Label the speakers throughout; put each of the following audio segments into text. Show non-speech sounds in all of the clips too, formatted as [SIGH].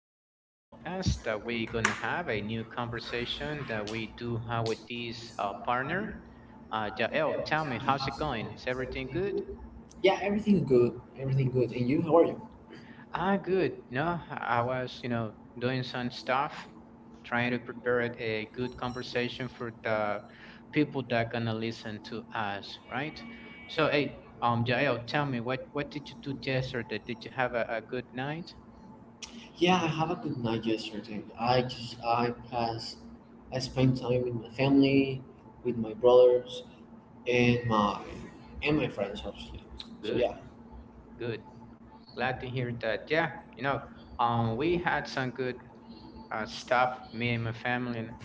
Speaker 1: podcast that we're gonna have a new conversation that we do have with this partner. Jael, tell me, how's it going? Is everything good?
Speaker 2: Yeah, everything good. Everything good. And you, how are you?
Speaker 1: Ah, good. No, I was, doing some stuff, trying to prepare it a good conversation for the people that are gonna listen to us, right? So, hey, Jael, tell me, what did you do yesterday? Did you have a good night?
Speaker 2: Yeah, I have a good night yesterday. I just I pass. I spent time with my family, with my brothers and my friends obviously. So
Speaker 1: Good,
Speaker 2: yeah.
Speaker 1: good. Glad to hear that. Yeah, you know, we had some good stuff, me and my family,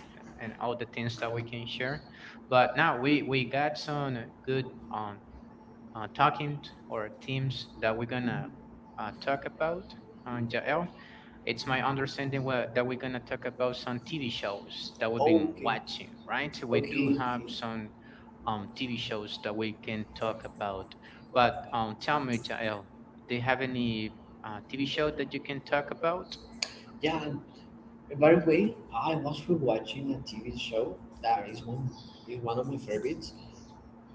Speaker 1: and all the things that we can share. But now we got some good um talking or themes that we're gonna talk about. Jael, it's my understanding that we're gonna talk about some TV shows that we've been
Speaker 2: Okay.
Speaker 1: watching, right? We do
Speaker 2: Okay. Okay.
Speaker 1: have some TV shows that we can talk about. But tell me, Jael, do you have any TV show that you can talk about?
Speaker 2: Yeah, and by the way, I was rewatching a TV show that is one of my favorites.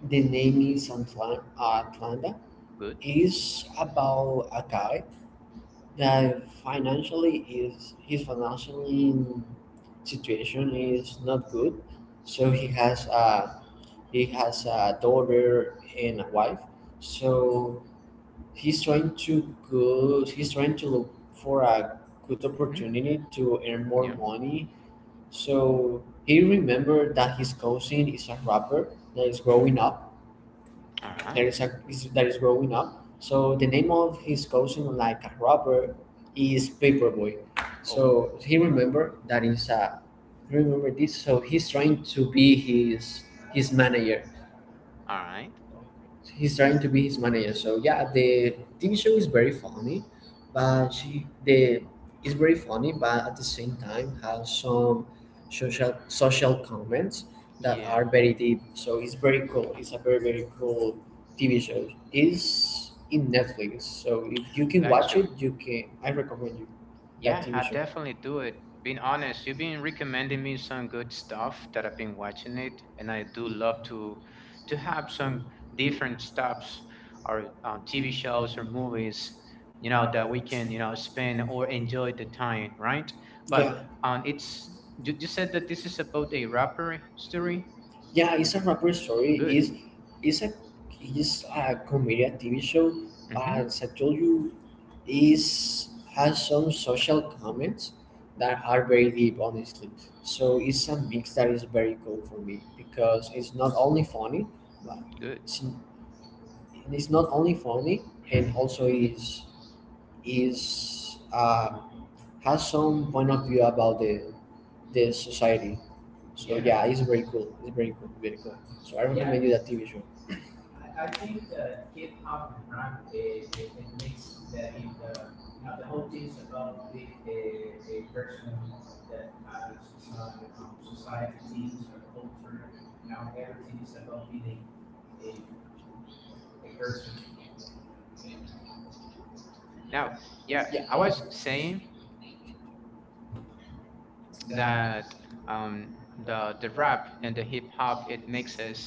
Speaker 2: The name is Atlanta.
Speaker 1: Good.
Speaker 2: It's about a guy that financially situation is not good, so he has a daughter and a wife, so he's trying to look for a good
Speaker 1: Hmm.
Speaker 2: opportunity to earn more
Speaker 1: Yeah.
Speaker 2: money. So he remembered that his cousin is a rapper that is growing up,
Speaker 1: All right.
Speaker 2: that is growing up. So the name of his cousin, like a robber, is Paperboy.
Speaker 1: Oh,
Speaker 2: So he remember that is a he remember this. So he's trying to be his manager.
Speaker 1: all right.
Speaker 2: So he's trying to be his manager. So yeah, the TV show is very funny, but at the same time has some social comments that
Speaker 1: Yeah.
Speaker 2: are very deep. So it's very cool. It's a very cool TV show. It's in Netflix. So if you can
Speaker 1: Got
Speaker 2: watch
Speaker 1: you.
Speaker 2: it, you can. I recommend you that
Speaker 1: Yeah,
Speaker 2: TV
Speaker 1: I
Speaker 2: show.
Speaker 1: definitely do it. Being honest, you've been recommending me some good stuff that I've been watching it, and I do love to have some different stuffs or TV shows or movies, you know, that we can you know spend or enjoy the time, right? But
Speaker 2: Yeah,
Speaker 1: it's you, you said that this is about a robbery story.
Speaker 2: yeah, it's a rapper story.
Speaker 1: Good.
Speaker 2: It's a it's a comedian TV show, but
Speaker 1: Mm-hmm.
Speaker 2: as I told you, is has some social comments that are very deep honestly, so it's a mix that is very cool for me because but
Speaker 1: Good.
Speaker 2: it's, it's not only funny, and also is, has some point of view about the society. So yeah, it's very cool, it's very cool, very cool, so I recommend you that TV show.
Speaker 1: Now, yeah, I was saying that um, the rap and the hip hop it mixes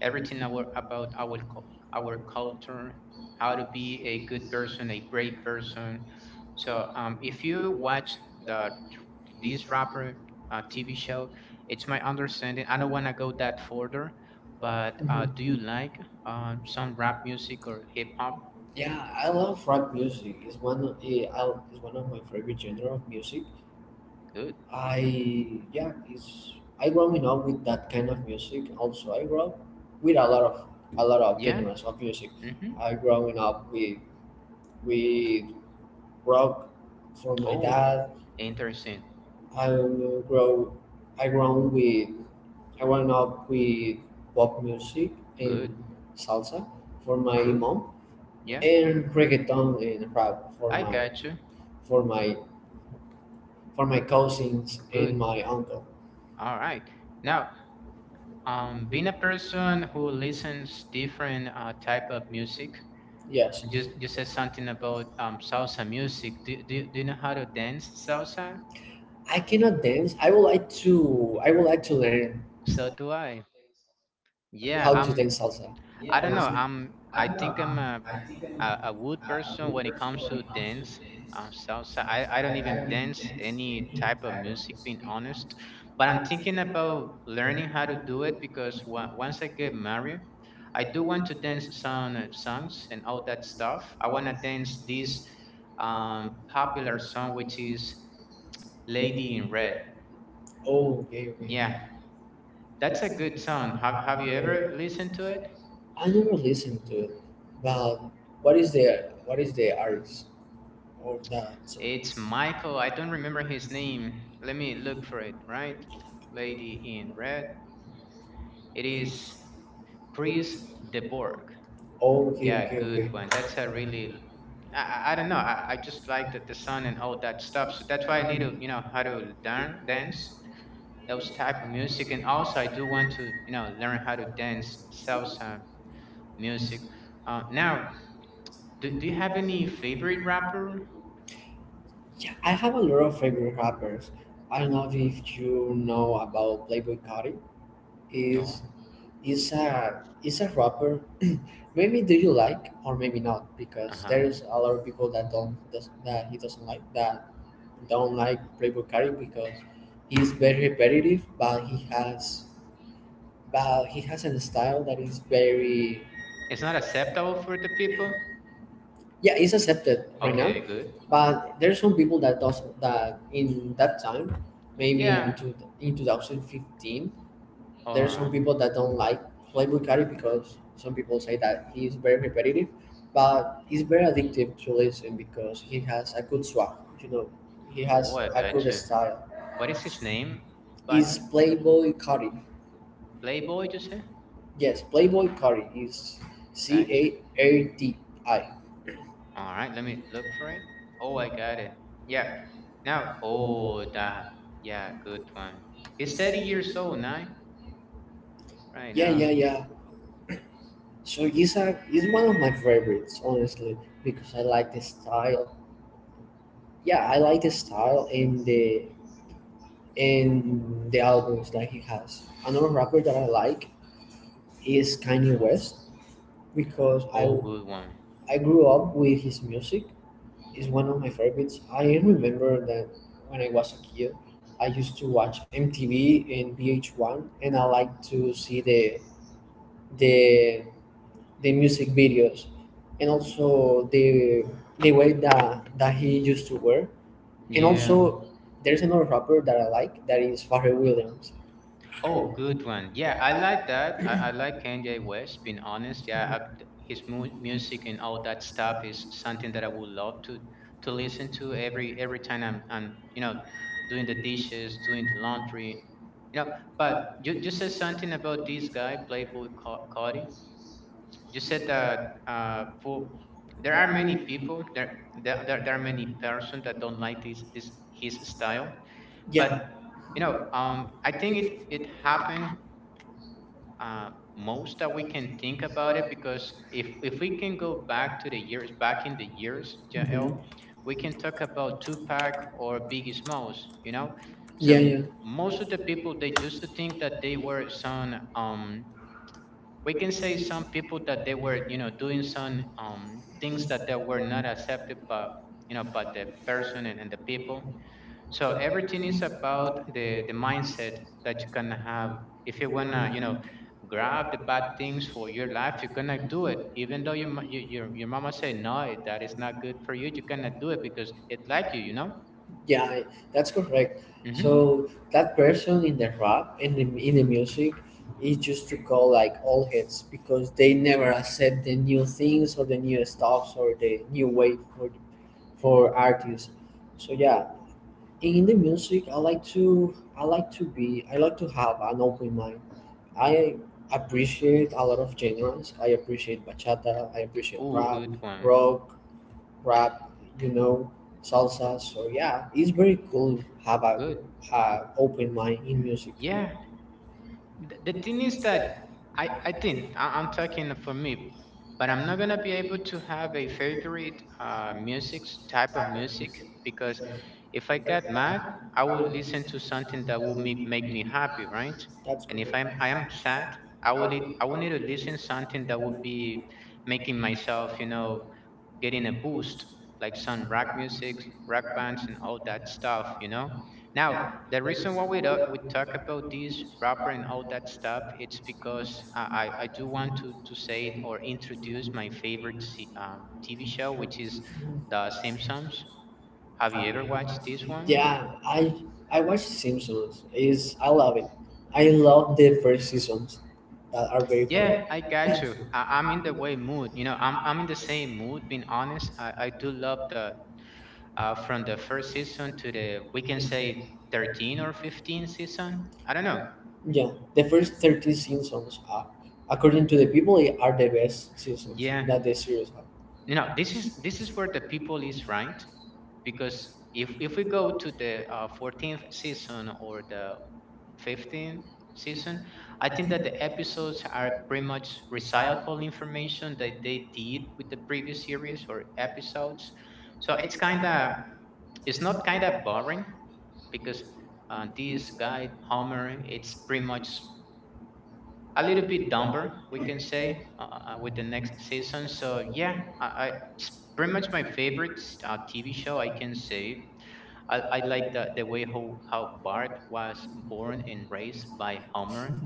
Speaker 1: everything our, about our our culture, how to be a good person, a brave person. So if you watch the this rapper TV show, it's my understanding. I don't wanna go that further, but do you
Speaker 2: Mhm.
Speaker 1: like some rap music or hip hop?
Speaker 2: Yeah, I love rap music. It's one of it's one of my favorite genre of music.
Speaker 1: Good.
Speaker 2: I yeah, it's I growing up with that kind of music. Also, I grew up with a lot of
Speaker 1: Yeah.
Speaker 2: genres of music.
Speaker 1: Mm-hmm.
Speaker 2: I growing up with with rock from my
Speaker 1: Oh,
Speaker 2: dad.
Speaker 1: interesting.
Speaker 2: I grow I grown with I grown up with pop music
Speaker 1: Good.
Speaker 2: and salsa for my
Speaker 1: Good.
Speaker 2: mom,
Speaker 1: Yeah,
Speaker 2: and reggaeton and rap for
Speaker 1: I
Speaker 2: my
Speaker 1: got you.
Speaker 2: for my for my cousins
Speaker 1: Good.
Speaker 2: and my uncle.
Speaker 1: All right. Now, being a person who listens different type of music,
Speaker 2: Yes,
Speaker 1: just you said something about salsa music. Do you know how to dance salsa?
Speaker 2: I cannot dance. I would like to. I would like to learn
Speaker 1: So do
Speaker 2: how to
Speaker 1: I.
Speaker 2: dance salsa,
Speaker 1: Yeah,
Speaker 2: honestly.
Speaker 1: I'm. I don't know. I'm. I think I'm a wood person when it comes to dance salsa I don't even dance any type of music being honest, but I'm thinking about learning how to do it because once I get married, I do want to dance some songs and all that stuff. I want to dance this popular song, which is Lady in Red.
Speaker 2: Oh, okay,
Speaker 1: Yeah,
Speaker 2: okay.
Speaker 1: that's a good
Speaker 2: Oh,
Speaker 1: song. Have you ever listened to it?
Speaker 2: I never listened to it, but what is the artist of that song?
Speaker 1: It's Michael, I don't remember his name. Let me look for it, right? Lady in Red. It is Chris DeBorg.
Speaker 2: Okay,
Speaker 1: Yeah,
Speaker 2: okay,
Speaker 1: good
Speaker 2: okay.
Speaker 1: one. That's a really, I, I don't know. I just like the sound and all that stuff. So that's why I need to, you know, how to learn dance, those type of music. And also I do want to, you know, learn how to dance salsa music. Now, do, do you have any favorite rapper?
Speaker 2: Yeah, I have a lot of favorite rappers. I don't know if you know about Playboi Carti. Is
Speaker 1: No.
Speaker 2: is a rapper. Maybe do you like or maybe not, because there
Speaker 1: Uh-huh.
Speaker 2: is a lot of people that don't does, that he doesn't like that don't like Playboi Carti because he's very repetitive, but he has a style that is very,
Speaker 1: It's not acceptable for the people?
Speaker 2: yeah, it's accepted right now.
Speaker 1: Okay, good.
Speaker 2: But there's some people that does that, in that time maybe
Speaker 1: Yeah,
Speaker 2: in, two, in 2015, there's some
Speaker 1: alright.
Speaker 2: people that don't like Playboy Bucari because some people say that he's very repetitive, but he's very addictive to listen because he has a good swag, you know, he
Speaker 1: Oh,
Speaker 2: has
Speaker 1: I
Speaker 2: a good
Speaker 1: gotcha.
Speaker 2: style,
Speaker 1: What is his name, by the
Speaker 2: is
Speaker 1: way?
Speaker 2: Playboy Cardi.
Speaker 1: Playboy, you say?
Speaker 2: Yes, Playboy Cardi is C A
Speaker 1: Gotcha.
Speaker 2: R T I.
Speaker 1: Alright, let me look for it. Oh, I got it. Yeah, now, oh, that. Yeah, good one. He's 30 years old, nine, right
Speaker 2: Yeah, yeah,
Speaker 1: now.
Speaker 2: yeah. So he's a he's one of my favorites, honestly, because I like the style. Yeah, I like the style and the albums that he has. Another rapper that I like is Kanye West, because
Speaker 1: Oh, good one.
Speaker 2: I grew up with his music. It's one of my favorites. I remember that when I was a kid, I used to watch MTV and VH1, and I like to see the the music videos, and also the way that he used to wear. And
Speaker 1: Yeah.
Speaker 2: also there's another rapper that I like, that is Pharrell Williams.
Speaker 1: Oh, good one. Yeah, I like that. I like Kanye West, being honest. Yeah, I, his music and all that stuff is something that I would love to listen to every time I'm you know doing the dishes, doing the laundry, you know. But you said something about this guy, Playboy Carti. You said that for there are many people there are many person that don't like this his style, but
Speaker 2: Yeah.
Speaker 1: you know I think it it happened uh, most that we can think about it because if we can go back to the years, back in the years,
Speaker 2: Mhm.
Speaker 1: Jael, we can talk about Tupac or Biggie Smalls, you know.
Speaker 2: Yeah,
Speaker 1: So
Speaker 2: yeah,
Speaker 1: most of the people they used to think that they were some um, we can say some people that they were you know doing some things that they were not accepted by you know by the person and the people. So everything is about the mindset that you can have. If you wanna you know grab the bad things for your life, you cannot do it, even though your your mama say no, it- that is not good for you, you cannot do it because it like you know.
Speaker 2: yeah, that's correct.
Speaker 1: Mm-hmm.
Speaker 2: So that person in the rap and in the music, it's just to call like all hits because they never accept the new things or the new stuffs or the new wave for artists. So yeah, in the music, I like to have an open mind. I appreciate a lot of genres. I appreciate bachata. I appreciate
Speaker 1: Oh,
Speaker 2: rap,
Speaker 1: good one.
Speaker 2: rock, rap, you know, salsa. So yeah, it's very cool have a
Speaker 1: Good.
Speaker 2: open mind in music.
Speaker 1: Yeah. The thing is that I think, I'm talking for me, but I'm not gonna be able to have a favorite music, type of music, because if I got mad, I would listen to something that will make me happy, right?
Speaker 2: That's
Speaker 1: And if
Speaker 2: great.
Speaker 1: I am sad, I would I would need to listen something that would be making myself, you know, getting a boost like some rock music, rock bands, and all that stuff, you know. Now, the reason why we talk about this rapper and all that stuff, it's because I do want to say or introduce my favorite TV show, which is The Simpsons. Have you ever watched this one?
Speaker 2: Yeah, I watch Simpsons. Is I love it. I love the first seasons that are very funny.
Speaker 1: Yeah, I got you. I'm in the way mood. You know, I'm in the same mood. Being honest, I do love the from the first season to the we can say 13 or 15 season. I don't know.
Speaker 2: Yeah, the first 30 seasons are,
Speaker 1: We
Speaker 2: according to the people, are the best seasons
Speaker 1: yeah.
Speaker 2: that the series have.
Speaker 1: You know this is where the people is right, because if we go to the 14th season or the 15th season, I think that the episodes are pretty much recycled information that they did with the previous series or episodes. So it's kind of, it's not kind of boring because this guy Homer, it's pretty much a little bit dumber, we can say, with the next season. So yeah, I it's pretty much my favorite TV show I can say. I like the way how Bart was born and raised by Homer,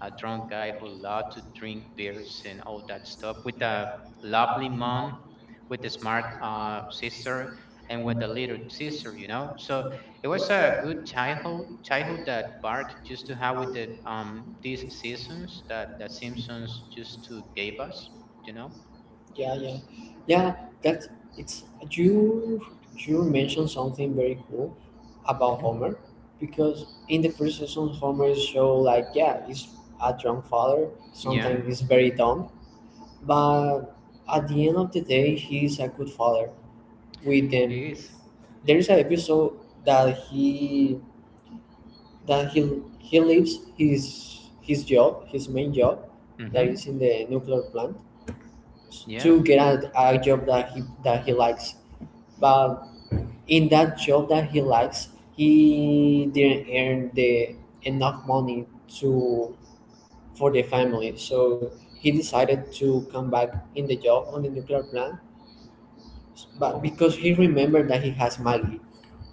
Speaker 1: a drunk guy who loved to drink beers and all that stuff, with a lovely mom, with a smart sister, and with a little sister, you know. So it was a good childhood that Bart used to have with the um, these seasons that the Simpsons used to gave us, you know.
Speaker 2: Yeah, yeah, yeah. That It's you. You mentioned something very cool about
Speaker 1: Mhm.
Speaker 2: Homer, because in the first season, Homer show like, yeah, he's a drunk father.
Speaker 1: Yeah,
Speaker 2: Sometimes he's very dumb, but at the end of the day, he's a good father with
Speaker 1: it
Speaker 2: them.
Speaker 1: is.
Speaker 2: There is an episode that he leaves his job, his main job, that
Speaker 1: Mm-hmm.
Speaker 2: is in the nuclear plant,
Speaker 1: Yeah.
Speaker 2: to get a job that he likes. But in that job that he likes, he didn't earn the enough money to for the family. So he decided to come back in the job on the nuclear plant.
Speaker 1: Well,
Speaker 2: But because he remembered that he has Maggie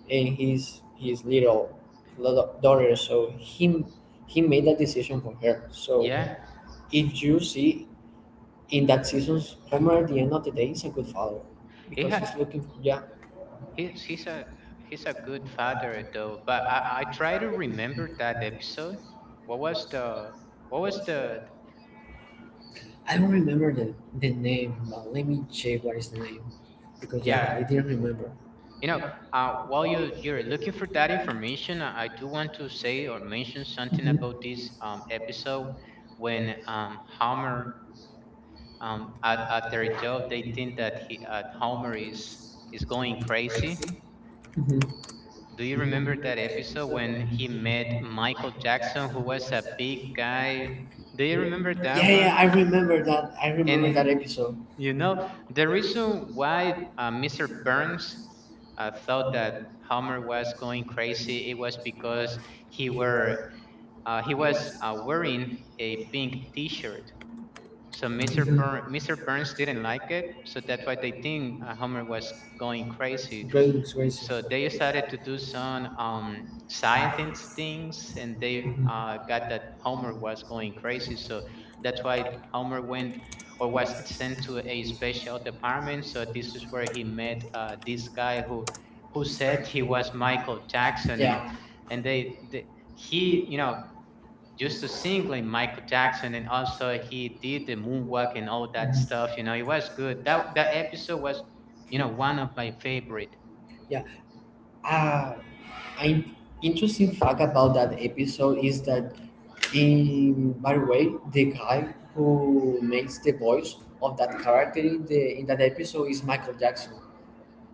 Speaker 2: and his little daughter, so he made that decision for her. So
Speaker 1: yeah,
Speaker 2: if you see in that season, Homer at the end of the day is a good father
Speaker 1: he
Speaker 2: because he's looking for, yeah.
Speaker 1: he's a good father though. But I try to remember that episode. What was the what was the
Speaker 2: I don't remember the name, but let me check what is the name, because
Speaker 1: yeah,
Speaker 2: yeah, I didn't remember.
Speaker 1: you know, while you're looking for that information, I do want to say or mention something
Speaker 2: Mhm.
Speaker 1: about this episode when Homer um, at their job, they think that he at Homer is going crazy. Do you remember that episode when he met Michael Jackson, who was a big guy? Do you remember
Speaker 2: Yeah,
Speaker 1: that
Speaker 2: yeah,
Speaker 1: one?
Speaker 2: I remember that. I remember
Speaker 1: And
Speaker 2: that episode.
Speaker 1: you know, the reason why Mr. Burns thought that Homer was going crazy, it was because he were he was wearing a pink T-shirt. So Mr.
Speaker 2: Mhm.
Speaker 1: Burn, Mr. Burns didn't like it, so that's why they think Homer was going crazy,
Speaker 2: Great looks racing.
Speaker 1: so they started to do some scientist things, and they got that Homer was going crazy, so
Speaker 2: Mhm.
Speaker 1: that's why Homer went or was sent to a special department. So this is where he met this guy who said he was Michael Jackson,
Speaker 2: Yeah.
Speaker 1: and they he you know used to sing like Michael Jackson, and also he did the moonwalk and all that stuff, you know. It was good. That that episode was, you know, one of my favorite.
Speaker 2: Yeah. Uh, an interesting fact about that episode is that in by the way, the guy who makes the voice of that character in the in that episode is Michael Jackson.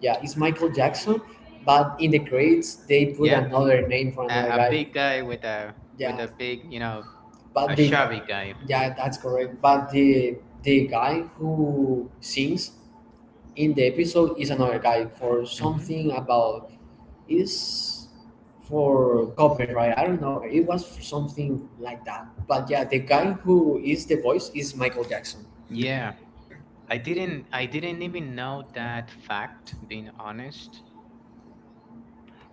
Speaker 2: Yeah, it's Michael Jackson, but in the credits they put
Speaker 1: Yeah,
Speaker 2: another name for another
Speaker 1: a,
Speaker 2: guy.
Speaker 1: big guy with
Speaker 2: Yeah,
Speaker 1: a big, you know, a
Speaker 2: but the
Speaker 1: chubby guy.
Speaker 2: yeah, that's correct. But the guy who sings in the episode is another guy, for
Speaker 1: Hmm.
Speaker 2: something about is for copyright. I don't know. It was something like that. But yeah, the guy who is the voice is Michael Jackson.
Speaker 1: Yeah, I didn't, I didn't even know that fact, being honest.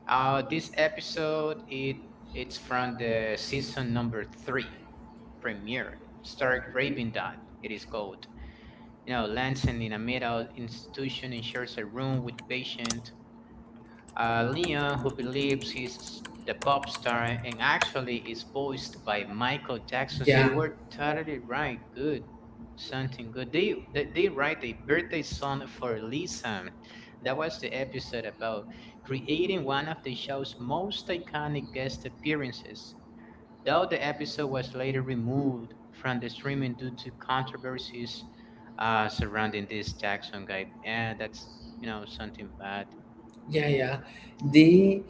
Speaker 1: This episode it's from the season number three premiere. Start Raving That, it is called. You know, Lansing in a mental institution and shares a room with patient Leon, who believes he's the pop star and actually is voiced by Michael Jackson, so you
Speaker 2: Yeah.
Speaker 1: were totally right. Good. Something good. They write a birthday song for Lisa. That was the episode about creating one of the show's most iconic guest appearances. Though the episode was later removed from the streaming due to controversies surrounding this Jackson guy, and that's you know something bad.
Speaker 2: Yeah, yeah. The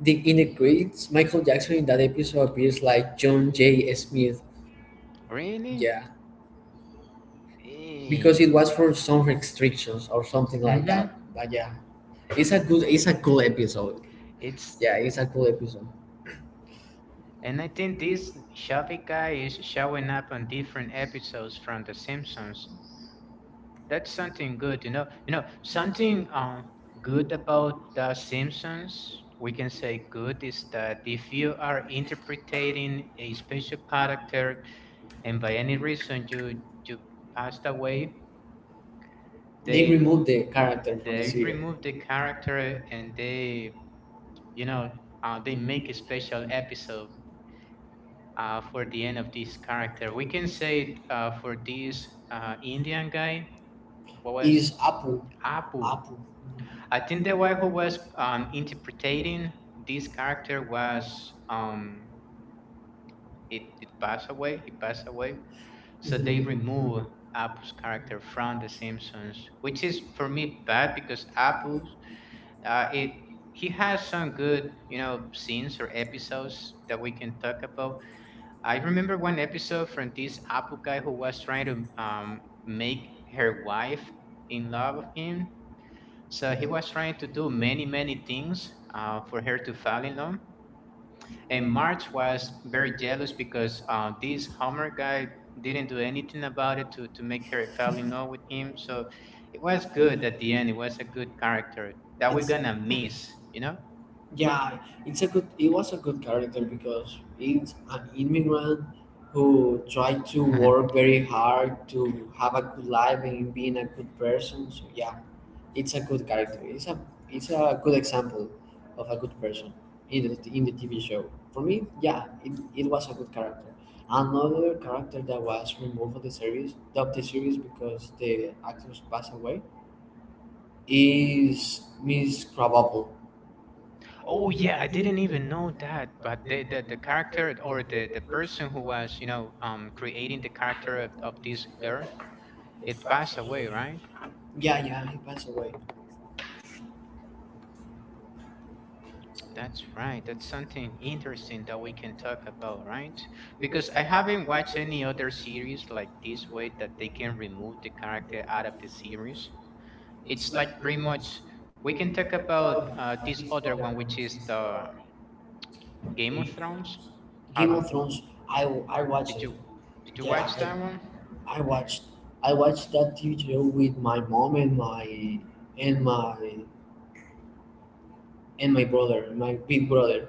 Speaker 2: integrates Michael Jackson in that episode appears like John J. Smith.
Speaker 1: Really?
Speaker 2: Yeah, because
Speaker 1: Hey.
Speaker 2: it was for some restrictions or something like
Speaker 1: Mm-hmm.
Speaker 2: that. But yeah, it's a good, it's a cool episode.
Speaker 1: It's
Speaker 2: Yeah, it's a cool episode.
Speaker 1: and I think this shabby guy is showing up on different episodes from The Simpsons. That's something good, you know. Something good about The Simpsons, we can say good is that if you are interpreting a special character and by any reason you passed away,
Speaker 2: They
Speaker 1: they
Speaker 2: removed the character from the
Speaker 1: they
Speaker 2: series.
Speaker 1: remove the character and they you know they make a special episode for the end of this character we can say it for this indian guy what
Speaker 2: Is
Speaker 1: was apu.
Speaker 2: Apu.
Speaker 1: I think the one who was interpreting this character was it, it passed away, he passed away, so they remove apu's character from the simpsons, which is for me bad. Because Apu, it he has some good scenes or episodes that we can talk about. I remember one episode from this Apple guy who was trying to make her wife in love with him. So he was trying to do many, many things for her to fall in love. And March was very jealous because this Homer guy didn't do anything about it to make her fall in love with him. So it was good at the end. It was a good character that we're
Speaker 2: It's,
Speaker 1: going to miss, you know?
Speaker 2: yeah, it's a good. It was a good character because it's an immigrant who tried to work very
Speaker 1: [LAUGHS]
Speaker 2: hard to have a good life and being a good person. So yeah, it's a good character. It's a good example of a good person in the TV show. For me, yeah, it was a good character. Another character that was removed of the series, because the actors passed away, is Miss Krabappel.
Speaker 1: Oh yeah, I didn't even know that. But the character or the person who was creating the character of this girl, it passed away, right?
Speaker 2: Yeah, yeah, he passed away.
Speaker 1: That's right. That's something interesting that we can talk about, right? Because I haven't watched any other series like this way that they can remove the character out of the series. It's like pretty much we can talk about this other one, which is the Game of Thrones.
Speaker 2: Game
Speaker 1: Have
Speaker 2: of Thrones, I watched
Speaker 1: did
Speaker 2: it.
Speaker 1: you did you
Speaker 2: Yeah,
Speaker 1: watch that one?
Speaker 2: I watched that TV show with my mom and and my my brother, my big brother.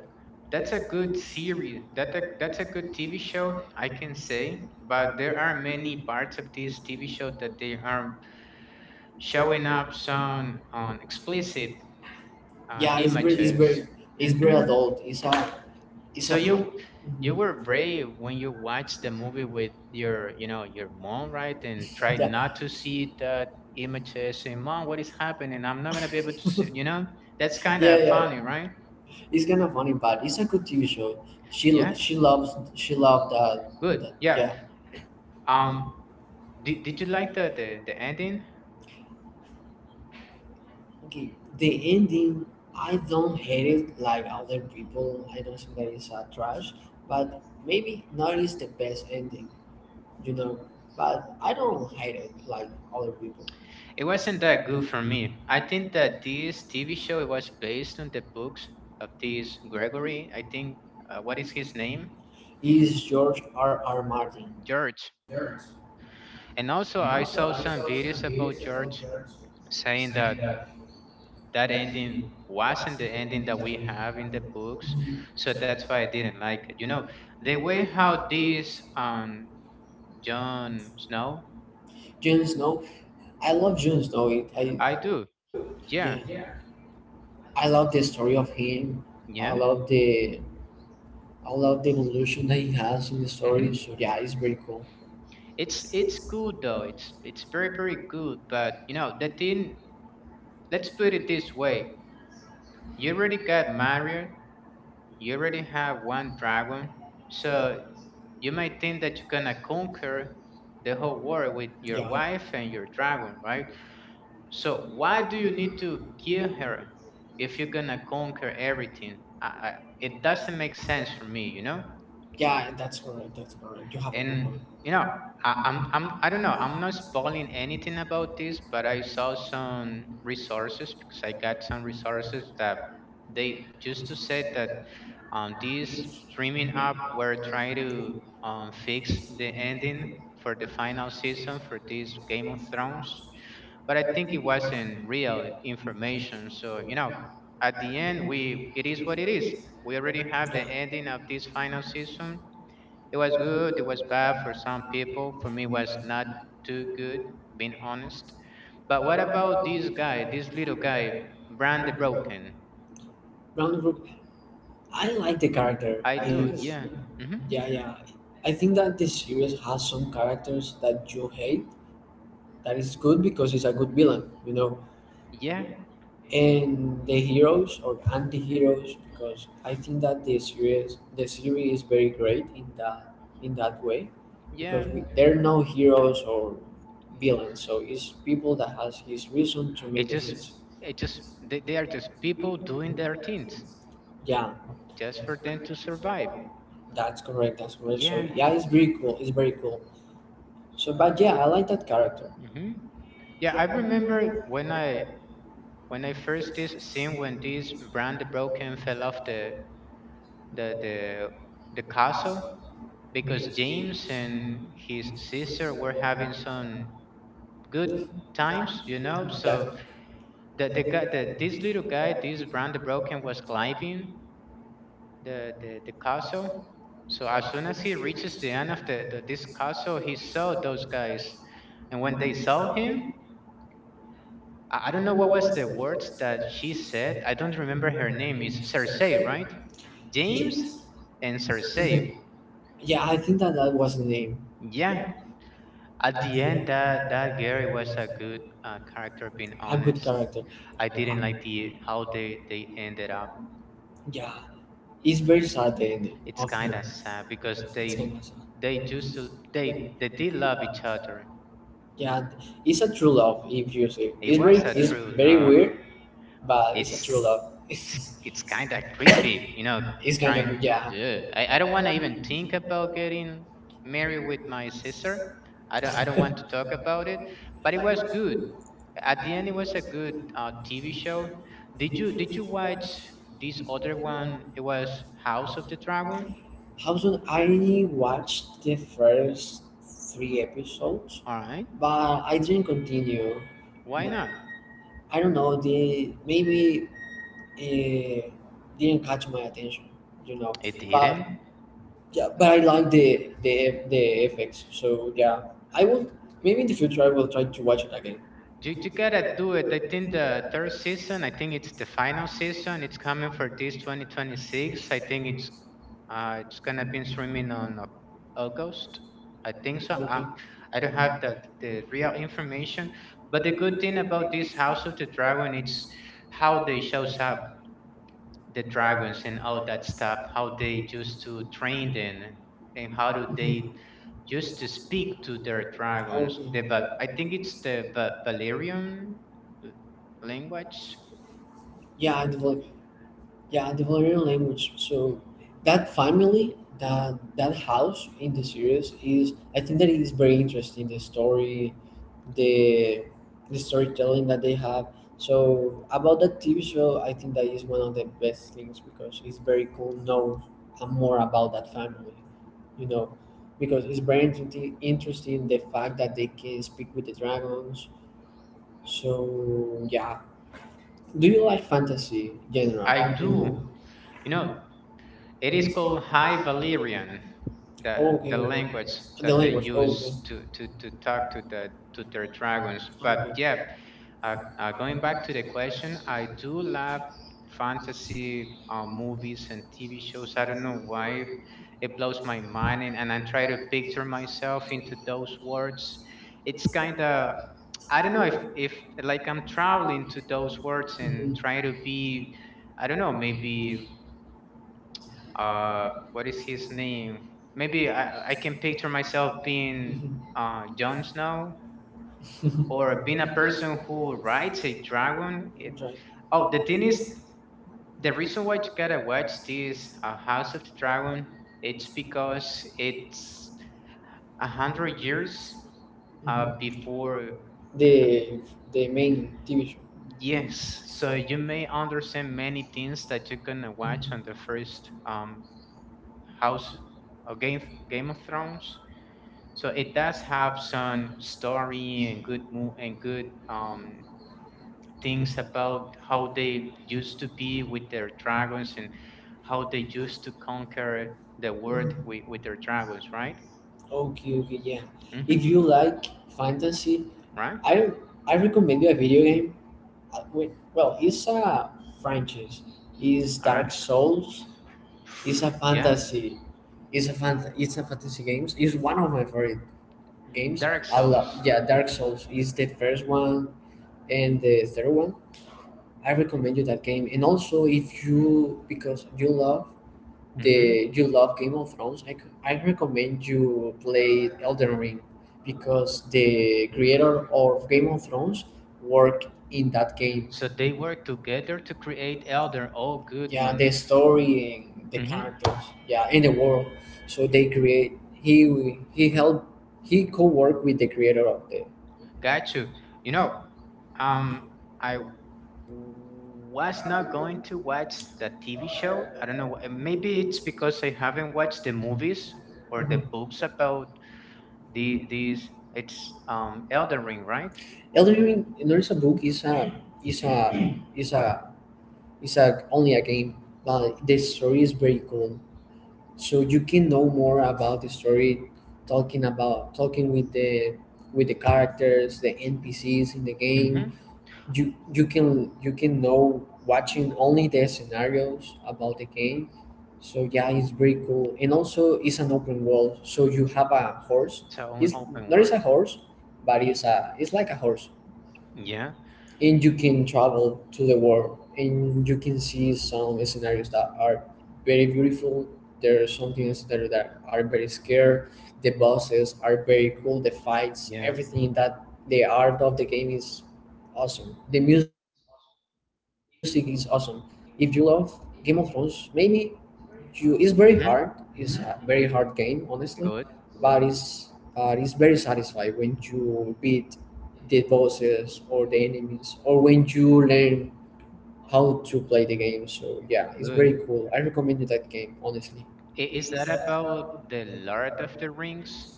Speaker 1: That's a good series. That's a good TV show, I can say. But there are many parts of this TV show that they are showing up some on explicit
Speaker 2: Yeah, it's very, it's
Speaker 1: images.
Speaker 2: very, it's very
Speaker 1: Hmm
Speaker 2: adult. It's
Speaker 1: So
Speaker 2: a. film.
Speaker 1: you were brave when you watched the movie with your your mom, right? And tried not
Speaker 2: Yeah,
Speaker 1: to see that images. Say, mom, what is happening? I'm not gonna be able to see. You know, that's
Speaker 2: yeah,
Speaker 1: kind of
Speaker 2: yeah.
Speaker 1: funny, right?
Speaker 2: It's kind of funny, but it's a good TV show.
Speaker 1: Yeah,
Speaker 2: She loves she loved that.
Speaker 1: good. Yeah.
Speaker 2: Yeah.
Speaker 1: Um, did you like the ending?
Speaker 2: Okay. The ending, I don't hate it like other people. I don't think that it's a trash, but maybe not is the best ending, you know. But I don't hate it like other people.
Speaker 1: It wasn't that good for me. I think that this TV show it was based on the books of this Gregory. I think what is his name?
Speaker 2: Is George R. R. Martin.
Speaker 1: George. And also I saw some videos about George saying that that ending wasn't the ending that we have in the books. So that's why I didn't like it. You know, the way how this John Snow,
Speaker 2: Jon Snow, I love Jon Snow.
Speaker 1: I
Speaker 2: I
Speaker 1: do. Yeah.
Speaker 2: yeah, I love the story of him. I
Speaker 1: Yeah.
Speaker 2: love the evolution that he has in the
Speaker 1: Mm-hmm.
Speaker 2: story. So yeah, it's very cool.
Speaker 1: It's good though. It's very very good. But you know the thing, let's put it this way: you already got married, you already have one dragon, so you might think that you're gonna conquer the whole world with your
Speaker 2: Yeah,
Speaker 1: wife and your dragon, right? So why do you need to kill her if you're gonna conquer everything? It doesn't make sense for me, you know?
Speaker 2: yeah, that's correct. That's correct. You have a good
Speaker 1: And
Speaker 2: point.
Speaker 1: you know, I don't know, I'm not spoiling anything about this, but I saw some resources because I got some resources that they used to say that these streaming app were trying to fix the ending for the final season for this Game of Thrones, but I think it wasn't real information. So you know, at the end we it is what it is. We already have the ending of this final season, it was good, it was bad for some people. For me, it was not too good, being honest. But what about this guy, this little guy, Brand the Broken?
Speaker 2: Brandon Rook, I like the character.
Speaker 1: I do,
Speaker 2: And
Speaker 1: yeah. hmm
Speaker 2: yeah, yeah. I think that the series has some characters that you hate, that is good because it's a good villain, you know.
Speaker 1: Yeah,
Speaker 2: And the heroes or anti-heroes, because I think that the series is very great in that way because
Speaker 1: yeah.
Speaker 2: we, yeah, there are no heroes or villains, so it's people that has his reason to
Speaker 1: It
Speaker 2: make the
Speaker 1: just,
Speaker 2: hits.
Speaker 1: it just, they are just people doing their things
Speaker 2: Yeah,
Speaker 1: just for them to survive.
Speaker 2: that's correct. That's correct. So
Speaker 1: Yeah.
Speaker 2: yeah, it's very cool. It's very cool. So but yeah, I like that character.
Speaker 1: hmm Yeah, I remember when I first this seen when this Brand the Broken fell off the the the castle. Because James and his sister were having some good times, you know. So
Speaker 2: Yeah,
Speaker 1: the guy, the this little guy, this Brand the Broken, was climbing the castle. So as soon as he reaches the end of the this castle, he saw those guys, and when they saw him, I don't know what was the words that she said. I don't remember her name. It's Cersei, right? James and Cersei.
Speaker 2: mhm. Yeah, I think that that was the name.
Speaker 1: Yeah, at the end, that Gary was a good character. Being
Speaker 2: A good
Speaker 1: honest,
Speaker 2: character.
Speaker 1: I didn't like the how they ended up.
Speaker 2: Yeah, it's very sad the ending
Speaker 1: It's
Speaker 2: of
Speaker 1: kind
Speaker 2: him.
Speaker 1: of sad because
Speaker 2: It's kind of sad.
Speaker 1: they just they did love each other.
Speaker 2: Yeah, it's a true love if you see.
Speaker 1: It
Speaker 2: It's very,
Speaker 1: was a
Speaker 2: yes, it's
Speaker 1: true
Speaker 2: very
Speaker 1: love.
Speaker 2: weird, but it's a
Speaker 1: It's
Speaker 2: true it's love. [LAUGHS]
Speaker 1: it's kind of creepy, you know.
Speaker 2: It's kind of
Speaker 1: Trying,
Speaker 2: very yeah.
Speaker 1: yeah. I don't want to even think about getting married with my sister. I don't want to talk about it. But it was good. At the end, it was a good TV show. Did you watch this other one? It was House of the Dragon.
Speaker 2: How soon I watched the first three episodes,
Speaker 1: All right,
Speaker 2: but I didn't continue.
Speaker 1: why not?
Speaker 2: I don't know. The maybe it didn't catch my attention, you know.
Speaker 1: It
Speaker 2: But
Speaker 1: didn't.
Speaker 2: yeah, but I like the FX. So yeah, I will maybe in the future I will try to watch it again.
Speaker 1: You gotta do it. I think the third season. I think it's the final season. It's coming for this 2026. I think it's gonna be streaming on August. I think so. I
Speaker 2: Okay.
Speaker 1: I don't have the real information, but the good thing about this House of the Dragon it's how they shows up the dragons and all that stuff, how they used to train them and how do they
Speaker 2: Okay.
Speaker 1: used to speak to their dragons. I think it's the Valyrian l- language.
Speaker 2: Yeah, the Valerian language. So that family, that house in the series is, I think that it is very interesting. The story, the the storytelling that they have. So about that TV show, I think that is one of the best things because it's very cool. Know more about that family, you know, because it's very interesting the fact that they can speak with the dragons. So yeah, do you like fantasy general?
Speaker 1: I do.
Speaker 2: Oh,
Speaker 1: You know, it is called High Valyrian, the
Speaker 2: okay,
Speaker 1: language
Speaker 2: okay. The
Speaker 1: that they
Speaker 2: language. Oh,
Speaker 1: use
Speaker 2: okay.
Speaker 1: to talk to the to their dragons. But
Speaker 2: Okay.
Speaker 1: yeah, going back to the question, I do love fantasy movies and TV shows. I don't know why it blows my mind, and, I try to picture myself into those words. It's kind of I don't know if like I'm traveling to those words and try to
Speaker 2: Mhm.
Speaker 1: be I don't know, maybe what is his name, maybe I can picture myself being Jon Snow or being
Speaker 2: [LAUGHS]
Speaker 1: a person who rides a dragon. It,
Speaker 2: Right.
Speaker 1: oh, the thing is the reason why you gotta watch this House of the Dragon it's because it's a hundred years before.
Speaker 2: The the main TV show.
Speaker 1: Yes, so you may understand many things that you're gonna watch on the first house of game of thrones. So it does have some story and good and good things about how they used to be with their dragons and how they used to conquer the world with, their dragons, right?
Speaker 2: Okay, okay, yeah. If
Speaker 1: Mm-hmm.
Speaker 2: you like fantasy,
Speaker 1: Right.
Speaker 2: I I recommend you a video game. Well, it's a franchise. It's
Speaker 1: All right.
Speaker 2: Dark Souls. It's a
Speaker 1: Yeah.
Speaker 2: fantasy. It's a fantasy games. It's one of my favorite games. I
Speaker 1: Dark
Speaker 2: Souls.
Speaker 1: Souls.
Speaker 2: Love. Yeah, Dark Souls is the first one and the third one. I recommend you that game. And also, if you because you love
Speaker 1: Mm-hmm.
Speaker 2: the you love Game of Thrones, I recommend you play Elden Ring because the creator of Game of Thrones worked in that game.
Speaker 1: So they work together to create Elder. Oh, good
Speaker 2: Yeah,
Speaker 1: one.
Speaker 2: the story and the
Speaker 1: Mm-hmm.
Speaker 2: characters. Yeah, in the world. So they create. He helped. He co-worked with the creator of the
Speaker 1: Got you. You know, um, I was not going to watch the TV show. I don't know. Maybe it's because I haven't watched the movies or the books about the these. It's Elden Ring, right?
Speaker 2: Elden Ring. There is a book, is a is a is a only a game, but the story is very cool. So you can know more about the story, talking with the characters, the NPCs in the
Speaker 1: Mm-hmm.
Speaker 2: game. You can you can know watching only the scenarios about the game. So yeah, it's very cool, and also it's an open world. So you have a horse.
Speaker 1: It's an
Speaker 2: It's
Speaker 1: open
Speaker 2: not is
Speaker 1: world.
Speaker 2: a horse, but it's like a horse,
Speaker 1: Yeah,
Speaker 2: and you can travel to the world, and you can see some scenarios that are very beautiful. There are some things that are very scary. The bosses are very cool. The fights,
Speaker 1: yeah.
Speaker 2: everything that the art of the game is awesome. The music is awesome. If you love Game of Thrones, maybe you it's very hard
Speaker 1: Mm-hmm.
Speaker 2: it's a very hard game, honestly,
Speaker 1: Good,
Speaker 2: but it's very satisfying when you beat the bosses or the enemies, or when you learn how to play the game. So yeah, it's
Speaker 1: good.
Speaker 2: very cool. I recommend you that game, honestly.
Speaker 1: Is that about the Lord of the Rings?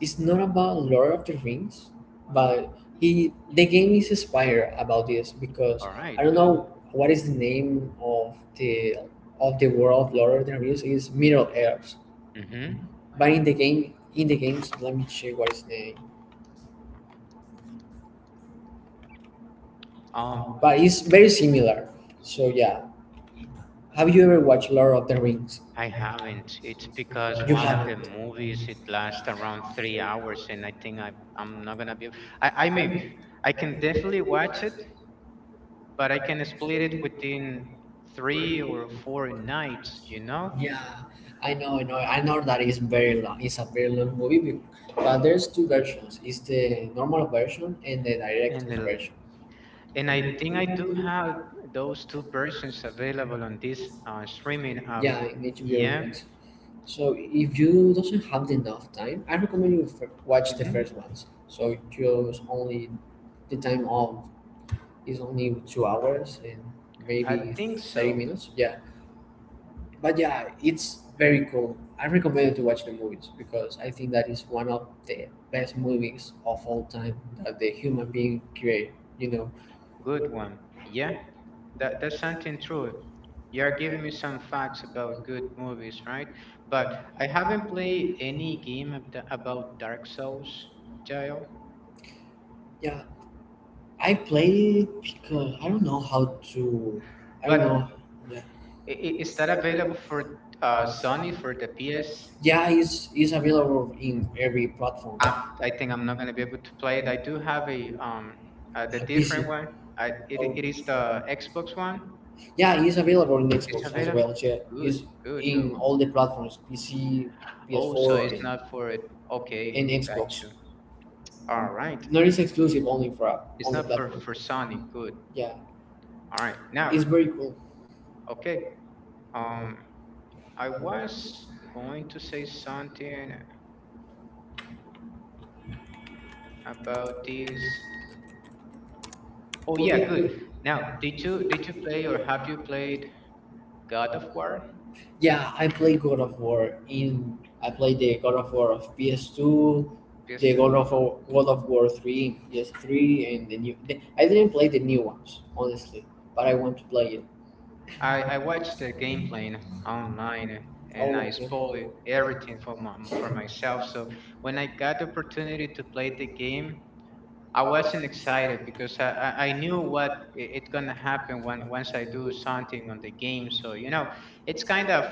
Speaker 2: It's not about Lord of the Rings, but he the game is inspired about this
Speaker 1: All
Speaker 2: because
Speaker 1: right,
Speaker 2: I don't
Speaker 1: good.
Speaker 2: know what is the name of the world of Lord of the Rings. Is Middle Earth,
Speaker 1: Mm-hmm.
Speaker 2: but in the game, in the games, let me check what is the,
Speaker 1: Um,
Speaker 2: but it's very similar. So yeah, have you ever watched Lord of the Rings?
Speaker 1: I haven't. It's because
Speaker 2: You
Speaker 1: one of the
Speaker 2: haven't?
Speaker 1: movies it lasts around 3 hours, and I think I I'm not gonna be. I mean, I can definitely watch it, but I can split it within three or four nights, you know.
Speaker 2: Yeah, I know, I know that it's very long. It's a very long movie, but there's two versions. It's the normal version and the
Speaker 1: And
Speaker 2: director's
Speaker 1: the,
Speaker 2: version.
Speaker 1: and I think I do have those two versions available on this streaming app.
Speaker 2: Yeah, in
Speaker 1: Yeah.
Speaker 2: HBO. So if you doesn't have enough time, I recommend you watch the
Speaker 1: Mm-hmm.
Speaker 2: first ones. So just only the time of is only 2 hours and maybe
Speaker 1: I think
Speaker 2: thirty
Speaker 1: so.
Speaker 2: minutes. Yeah, but yeah, it's very cool. I recommend to watch the movies because I think that is one of the best movies of all time that the human being create. You know,
Speaker 1: Good one. Yeah, that that's something true. You're giving me some facts about good movies, right? But I haven't played any game of about Dark Souls, Jayo.
Speaker 2: yeah, I play it because I don't know how to. I don't
Speaker 1: But
Speaker 2: know. Yeah,
Speaker 1: is that available for Sony for the PS?
Speaker 2: yeah, it's available in every platform.
Speaker 1: I, I think I'm not gonna be able to play it. I do have a the
Speaker 2: PC.
Speaker 1: different one. It is the Xbox one.
Speaker 2: Yeah, it's available on
Speaker 1: It's
Speaker 2: Xbox as
Speaker 1: available.
Speaker 2: well. Yeah,
Speaker 1: Good,
Speaker 2: it's
Speaker 1: good
Speaker 2: in
Speaker 1: though.
Speaker 2: all the platforms: PC,
Speaker 1: Oh, so
Speaker 2: PS4,
Speaker 1: it's not for it. Okay,
Speaker 2: and
Speaker 1: got
Speaker 2: Xbox.
Speaker 1: you. All right.
Speaker 2: Not it's exclusive only for
Speaker 1: It's
Speaker 2: only
Speaker 1: not for
Speaker 2: platform.
Speaker 1: Sonic. Good.
Speaker 2: Yeah,
Speaker 1: All right. Now,
Speaker 2: it's very cool.
Speaker 1: okay. Um, I was going to say something about this. Oh yeah, good. Now, did you play or have you played God of War
Speaker 2: Yeah, I play God of War in. I play the God of War of PS2, the
Speaker 1: PS2?
Speaker 2: God of War three, yes three, and the new. The, I didn't play the new ones honestly, but I want to play it.
Speaker 1: I watched the gameplay online and
Speaker 2: Oh,
Speaker 1: I
Speaker 2: okay.
Speaker 1: spoiled everything for my, for myself. So when I got the opportunity to play the game, I wasn't excited because I knew what it gonna happen when once I do something on the game. So you know, it's kind of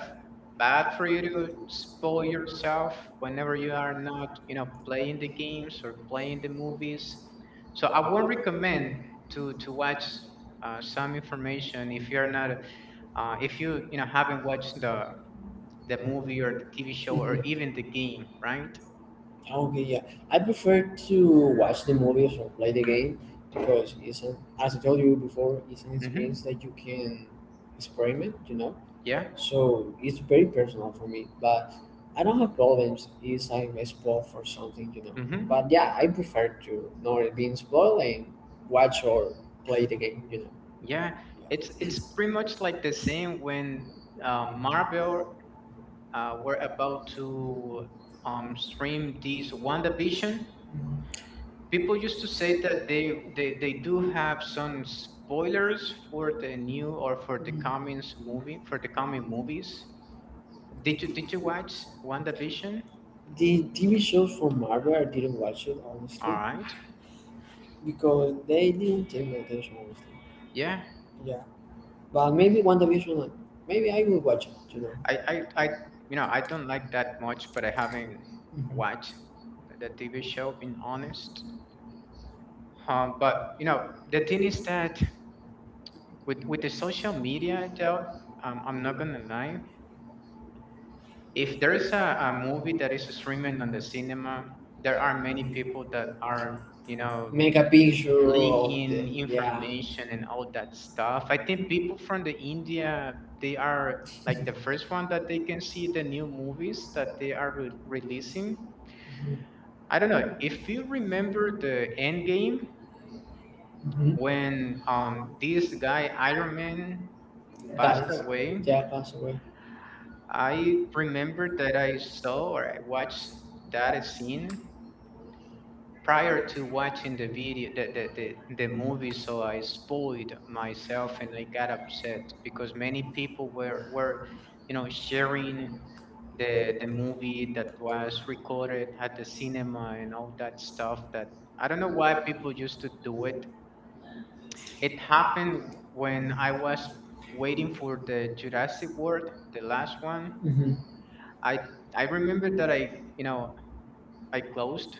Speaker 1: bad for you to spoil yourself whenever you are not playing the games or playing the movies. So I won't recommend to watch some information if you're not if you you know haven't watched the movie or the TV show or even
Speaker 2: Mhm.
Speaker 1: the game, right?
Speaker 2: Okay, yeah. I prefer to watch the movies or play the game because it's an, as I told you before, it's an
Speaker 1: Mm-hmm.
Speaker 2: experience that you can experiment, you know.
Speaker 1: Yeah.
Speaker 2: So it's very personal for me, but I don't have problems if I'm spoiled for something, you know.
Speaker 1: Mm-hmm.
Speaker 2: But yeah, I prefer to not being spoiled and watch or play the game, you
Speaker 1: Yeah, it's pretty much like the same when Marvel were about to stream this WandaVision. People used to say that they, they
Speaker 2: know.
Speaker 1: they do have some spoilers for the new or for the coming movie for the coming movies. Did you watch WandaVision?
Speaker 2: The TV shows from Marvel, I didn't watch it
Speaker 1: All
Speaker 2: honestly
Speaker 1: right.
Speaker 2: because they didn't take my attention honestly.
Speaker 1: Yeah.
Speaker 2: Yeah, but maybe WandaVision, maybe I will watch it. You know,
Speaker 1: I I don't like that much, but I haven't
Speaker 2: Mhm.
Speaker 1: watched the TV show. Being honest. But you know, the thing is that with the social media, though, I'm not gonna lie. If there is a movie that is streaming on the cinema, there are many people that are you know
Speaker 2: make a picture of the
Speaker 1: leaking
Speaker 2: yeah.
Speaker 1: information and all that stuff. I think people from the India they are like the first one that they can see the new movies that they are releasing. I don't know if you remember the Endgame
Speaker 2: Mhm.
Speaker 1: when this guy Iron Man passed
Speaker 2: That's
Speaker 1: away.
Speaker 2: yeah, pass away.
Speaker 1: I remember that I saw or I watched that scene prior to watching the video, the movie, so I spoiled myself and I got upset because many people were sharing the movie that was recorded at the cinema and all that stuff that I don't know why people used to do it. It happened when I was waiting for the Jurassic World, the last one.
Speaker 2: Mhm.
Speaker 1: I I remember that I you know I closed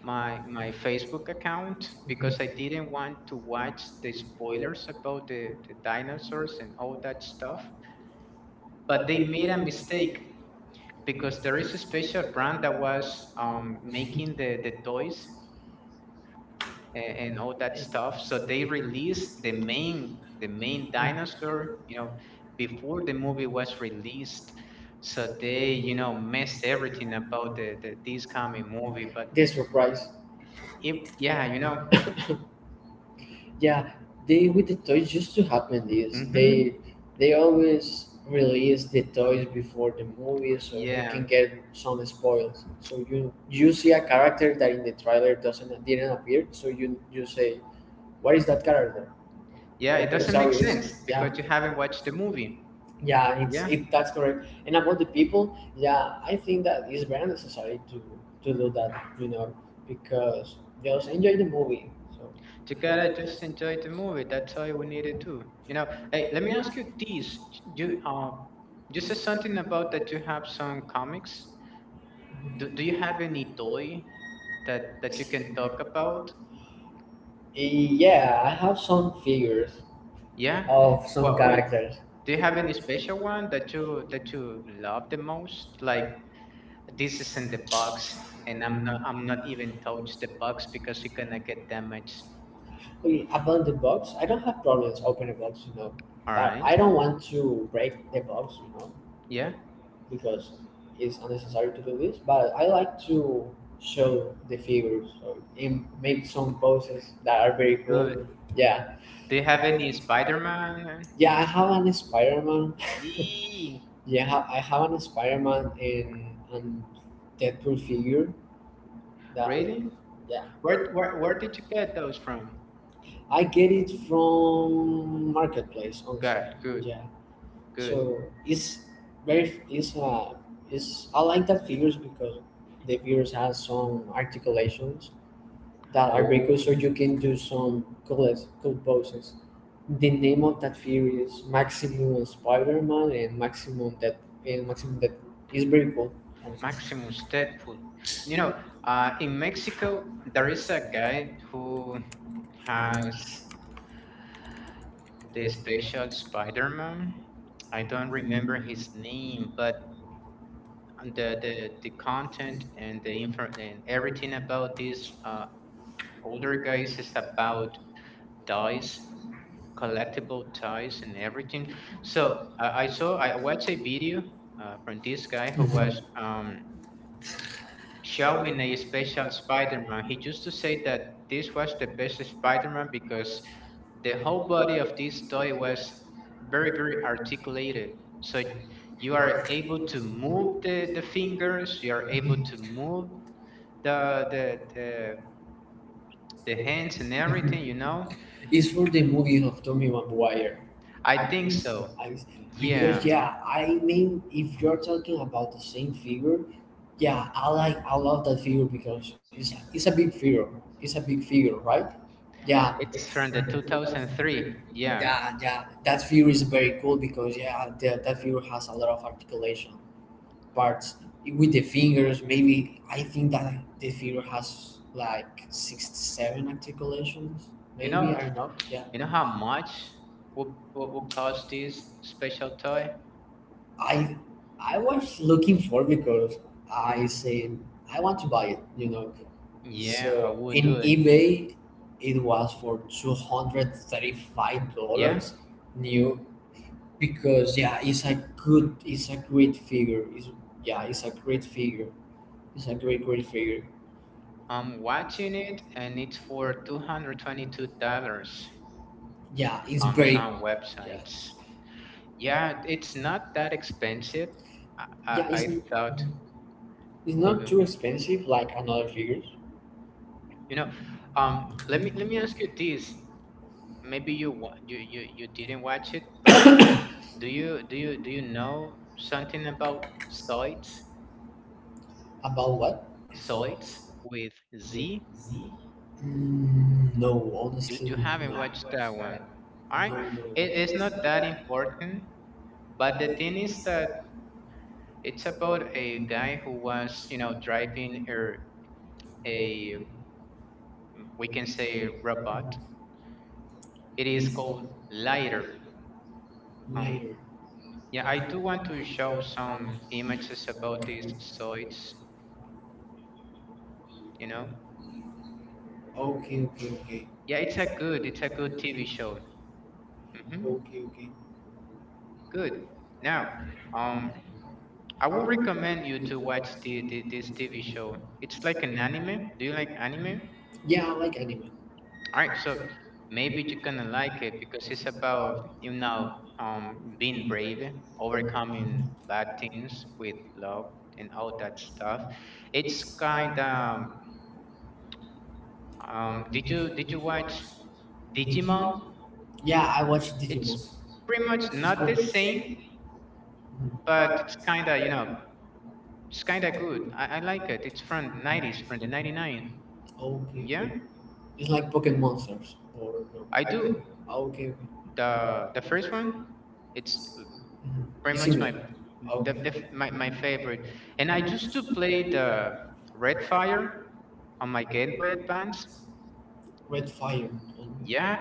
Speaker 1: my Facebook account because I didn't want to watch the spoilers about the dinosaurs and all that stuff. But they made a mistake because there is a special brand that was making the toys and all that stuff. So they released the main dinosaur you know before the movie was released, so they you know messed everything about the this coming movie. But
Speaker 2: The surprise.
Speaker 1: if yeah, you know.
Speaker 2: Yeah, they with the toys used to happen this.
Speaker 1: hmm
Speaker 2: They always release the toys before the movie, so you
Speaker 1: Yeah.
Speaker 2: can get some spoils. So you see a character that in the trailer doesn't didn't appear. So you say, what is that character?
Speaker 1: Yeah, it
Speaker 2: Okay,
Speaker 1: doesn't
Speaker 2: so
Speaker 1: make sense
Speaker 2: it's, yeah,
Speaker 1: because you haven't watched the movie.
Speaker 2: yeah, it's
Speaker 1: Yeah.
Speaker 2: it that's correct. And about the people, yeah, I think that it's very necessary to do that. You know, because just enjoy the movie. So
Speaker 1: You gotta just enjoy the movie. That's all we need to do. You know, hey, let me ask you this. You uh, you said something about that you have some comics. Do you have any toy that you can talk about?
Speaker 2: yeah, I have some figures
Speaker 1: Yeah.
Speaker 2: of some
Speaker 1: Well, wait.
Speaker 2: characters.
Speaker 1: Do you have any special one that you love the most? Like this isn't the box and I'm not even touch the box because you're gonna get damaged.
Speaker 2: Okay, about the box, I don't have problems opening the box, you know,
Speaker 1: All
Speaker 2: but
Speaker 1: right.
Speaker 2: I don't want to break the box, you know,
Speaker 1: Yeah.
Speaker 2: because it's unnecessary to do this. But I like to show the figures so, and make some poses that are very
Speaker 1: Good.
Speaker 2: cool. Yeah,
Speaker 1: Do you have any Spider-Man?
Speaker 2: yeah, I have an Spider Man.
Speaker 1: Eee,
Speaker 2: Yeah, I have an Spider Man and Deadpool figure that.
Speaker 1: really?
Speaker 2: Really?
Speaker 1: Where did you get those from?
Speaker 2: I get it from marketplace, honestly.
Speaker 1: Good, good,
Speaker 2: Yeah.
Speaker 1: good.
Speaker 2: So it's very, it's, I like that figures because the figures has some articulations that are very cool.
Speaker 1: Oh,
Speaker 2: So you can do some cool poses. The name of that figure is Maximum Spider-Man and Maximum Dead and Maximum Dead. It's very cool.
Speaker 1: Maximus Deadpool. You know, in Mexico there is a guy who has the special Spider-Man. I don't remember his name, but and the content and the info and everything about this older guys is about dice collectible ties and everything. So I saw I watched a video from this guy who
Speaker 2: Mhm.
Speaker 1: was showing a special Spider-Man. He used to say that this was the best Spider-Man because the whole body of this toy was very articulated, so you are able to move the fingers, you are able to move the the the the hands and everything, you know?
Speaker 2: It's for the movie of Tommy Maguire.
Speaker 1: I think so.
Speaker 2: I, because
Speaker 1: Yeah,
Speaker 2: yeah, yeah, I mean, if you're talking about the same figure, yeah, I love that figure because it's a big figure. It's a big figure, right? Yeah,
Speaker 1: it's from the 2003. Yeah,
Speaker 2: yeah, yeah. That figure is very cool because yeah, the, that figure has a lot of articulation parts with the fingers. Maybe I think that the figure has like 67 articulations.
Speaker 1: you
Speaker 2: Maybe
Speaker 1: know,
Speaker 2: I don't know. Yeah.
Speaker 1: you know how much would would cost this special toy?
Speaker 2: I I was looking for because I said I want to buy it, you know. Yeah.
Speaker 1: Yeah, I
Speaker 2: So
Speaker 1: would
Speaker 2: in
Speaker 1: do it.
Speaker 2: eBay, it was for 235, yeah,
Speaker 1: Yeah,
Speaker 2: dollars new because yeah, it's a good, it's a great figure. It's, yeah, it's a great figure. It's a great figure.
Speaker 1: I'm watching it, and it's for $222
Speaker 2: Yeah, it's
Speaker 1: on
Speaker 2: very,
Speaker 1: some
Speaker 2: yeah,
Speaker 1: websites. Yeah, it's not that expensive. I I,
Speaker 2: yeah,
Speaker 1: I thought
Speaker 2: it's
Speaker 1: it would
Speaker 2: not
Speaker 1: be.
Speaker 2: too expensive like another figures.
Speaker 1: You know, let me ask you this. Maybe you wa- you didn't watch it, but do you know something about Zoids?
Speaker 2: About what?
Speaker 1: Zoids with Z?
Speaker 2: Mm, no,
Speaker 1: You
Speaker 2: honestly,
Speaker 1: you
Speaker 2: no.
Speaker 1: haven't watched that one. All right,
Speaker 2: No, no,
Speaker 1: it's not that important, but the thing is that it's about a guy who was you know driving a we can say robot. It is called Lighter. Um,
Speaker 2: later.
Speaker 1: Yeah, I do want to show some images about these sites, you know.
Speaker 2: Okay, okay, okay.
Speaker 1: Yeah, it's a good TV show. Mm-hmm,
Speaker 2: Okay, okay.
Speaker 1: good. Now, um, I would recommend you to watch the this TV show. It's like an anime. Do you like anime?
Speaker 2: Yeah, I like anime.
Speaker 1: All right, so maybe you're gonna like it because it's about, you know, being brave, overcoming bad things with love and all that stuff. It's kind of, did you watch Digimon?
Speaker 2: Yeah, I watch Digimon.
Speaker 1: It's pretty much
Speaker 2: It's
Speaker 1: not the same,
Speaker 2: cool. Mhm.
Speaker 1: but it's kinda you know it's kinda good. I like it. It's from the 90s, from the 99.
Speaker 2: Okay.
Speaker 1: Yeah,
Speaker 2: It's like Pokemon Monsters. Or no.
Speaker 1: I do.
Speaker 2: Okay, okay.
Speaker 1: The first one, it's
Speaker 2: Mhm.
Speaker 1: pretty
Speaker 2: It's
Speaker 1: much my
Speaker 2: similar. Okay.
Speaker 1: my favorite. And I used to play the Red Fire on my Game Boy Advance.
Speaker 2: Red Fire.
Speaker 1: Yeah,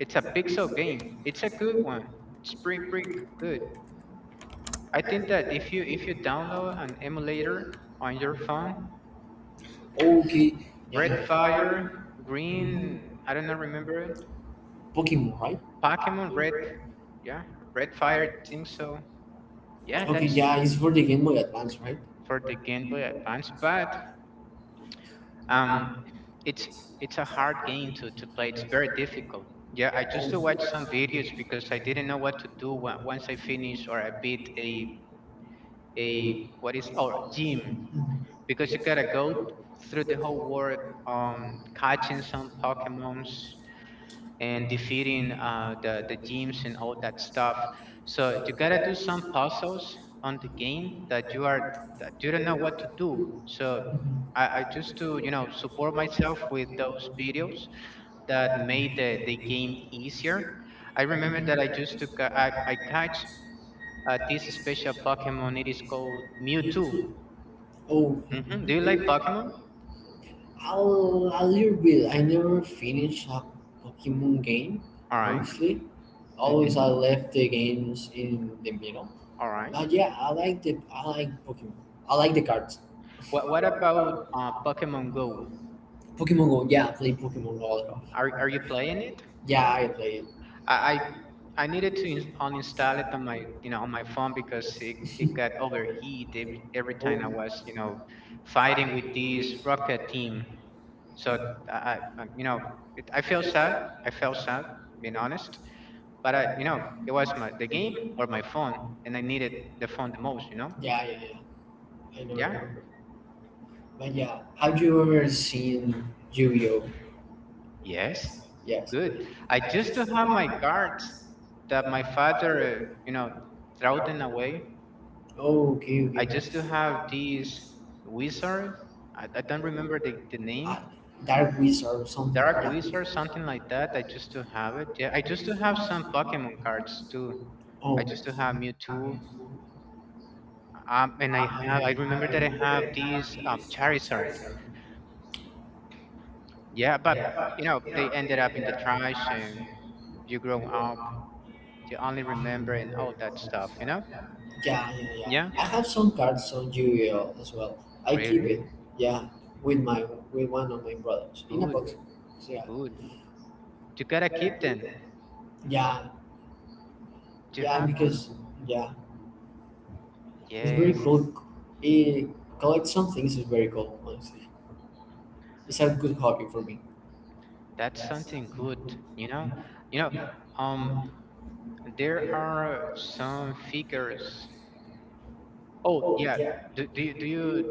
Speaker 1: it's a pixel game. It's a good one. It's pretty good. I think that if you download an emulator on your phone,
Speaker 2: Okay. Yeah.
Speaker 1: Red
Speaker 2: Yeah.
Speaker 1: Fire, Green. I don't know. Remember it?
Speaker 2: Pokemon, right?
Speaker 1: Pokemon Red. Yeah, Red Fire. I think so. Yeah,
Speaker 2: Okay,
Speaker 1: that's
Speaker 2: yeah, it's for the Game Boy Advance,
Speaker 1: for the Game Boy Advance. But um, it's it's a hard game to play. It's very difficult. Yeah, I just to watch some videos because I didn't know what to do
Speaker 2: right?
Speaker 1: once I finish or I beat a what is or gym because you gotta go through the whole world um catching some Pokemons and defeating the gyms and all that stuff. So you gotta do some puzzles on the game that you are that you don't know what to do. So I just to you know support myself with those videos that made the game easier. I remember that I just took a, I catch this special Pokemon. It is called Mewtwo.
Speaker 2: Oh,
Speaker 1: Do you like Pokemon?
Speaker 2: I'll a little bit. I never finished a Pokemon game,
Speaker 1: All right.
Speaker 2: honestly.
Speaker 1: Mm-hmm.
Speaker 2: Always I left the games in the middle.
Speaker 1: All right.
Speaker 2: But yeah, I like Pokemon. I like the cards.
Speaker 1: What about Pokemon Go?
Speaker 2: Pokemon Go, yeah, I play Pokemon Go a lot.
Speaker 1: Are you playing it?
Speaker 2: Yeah, I play it.
Speaker 1: I, I I needed to uninstall it on my, you know, on my phone because it got overheat every time I was, you know, fighting with this rocket team. So I you know, it, I feel sad. I felt sad, being honest. But I, you know, it was my the game or my phone, and I needed the phone the most. You know?
Speaker 2: Yeah, yeah, yeah. I
Speaker 1: Yeah.
Speaker 2: know. But yeah, have you ever seen Yu-Gi-Oh?
Speaker 1: Yes.
Speaker 2: Yes.
Speaker 1: Good. I just don't have my cards that my father, you know, throw them away.
Speaker 2: Oh, okay, okay.
Speaker 1: I used to have this wizard. I don't remember the name.
Speaker 2: uh, Dark Wizard or something like
Speaker 1: Dark
Speaker 2: that.
Speaker 1: Wizard, something like that. I used to have it. Yeah, I used to have some Pokemon cards too. I
Speaker 2: Oh,
Speaker 1: used to have Mewtwo. And I have. I remember that I have these Charizard. Yeah, but you know they ended up in the trash, and you grow up. You only remember and all that stuff. You know.
Speaker 2: yeah, yeah, yeah.
Speaker 1: Yeah.
Speaker 2: I have some cards on Yu-Gi-Oh as well. I keep
Speaker 1: Really.
Speaker 2: it, yeah, with my with one of my brothers in a
Speaker 1: Good.
Speaker 2: box. So, yeah,
Speaker 1: Good. You gotta keep them.
Speaker 2: yeah,
Speaker 1: You
Speaker 2: yeah,
Speaker 1: have to.
Speaker 2: because yeah, it's very
Speaker 1: Yes.
Speaker 2: cool. It collect some things is very cool. Honestly, it's a good hobby for me.
Speaker 1: That's something good. You know, you know, um, there are some figures. Oh yeah, do, do you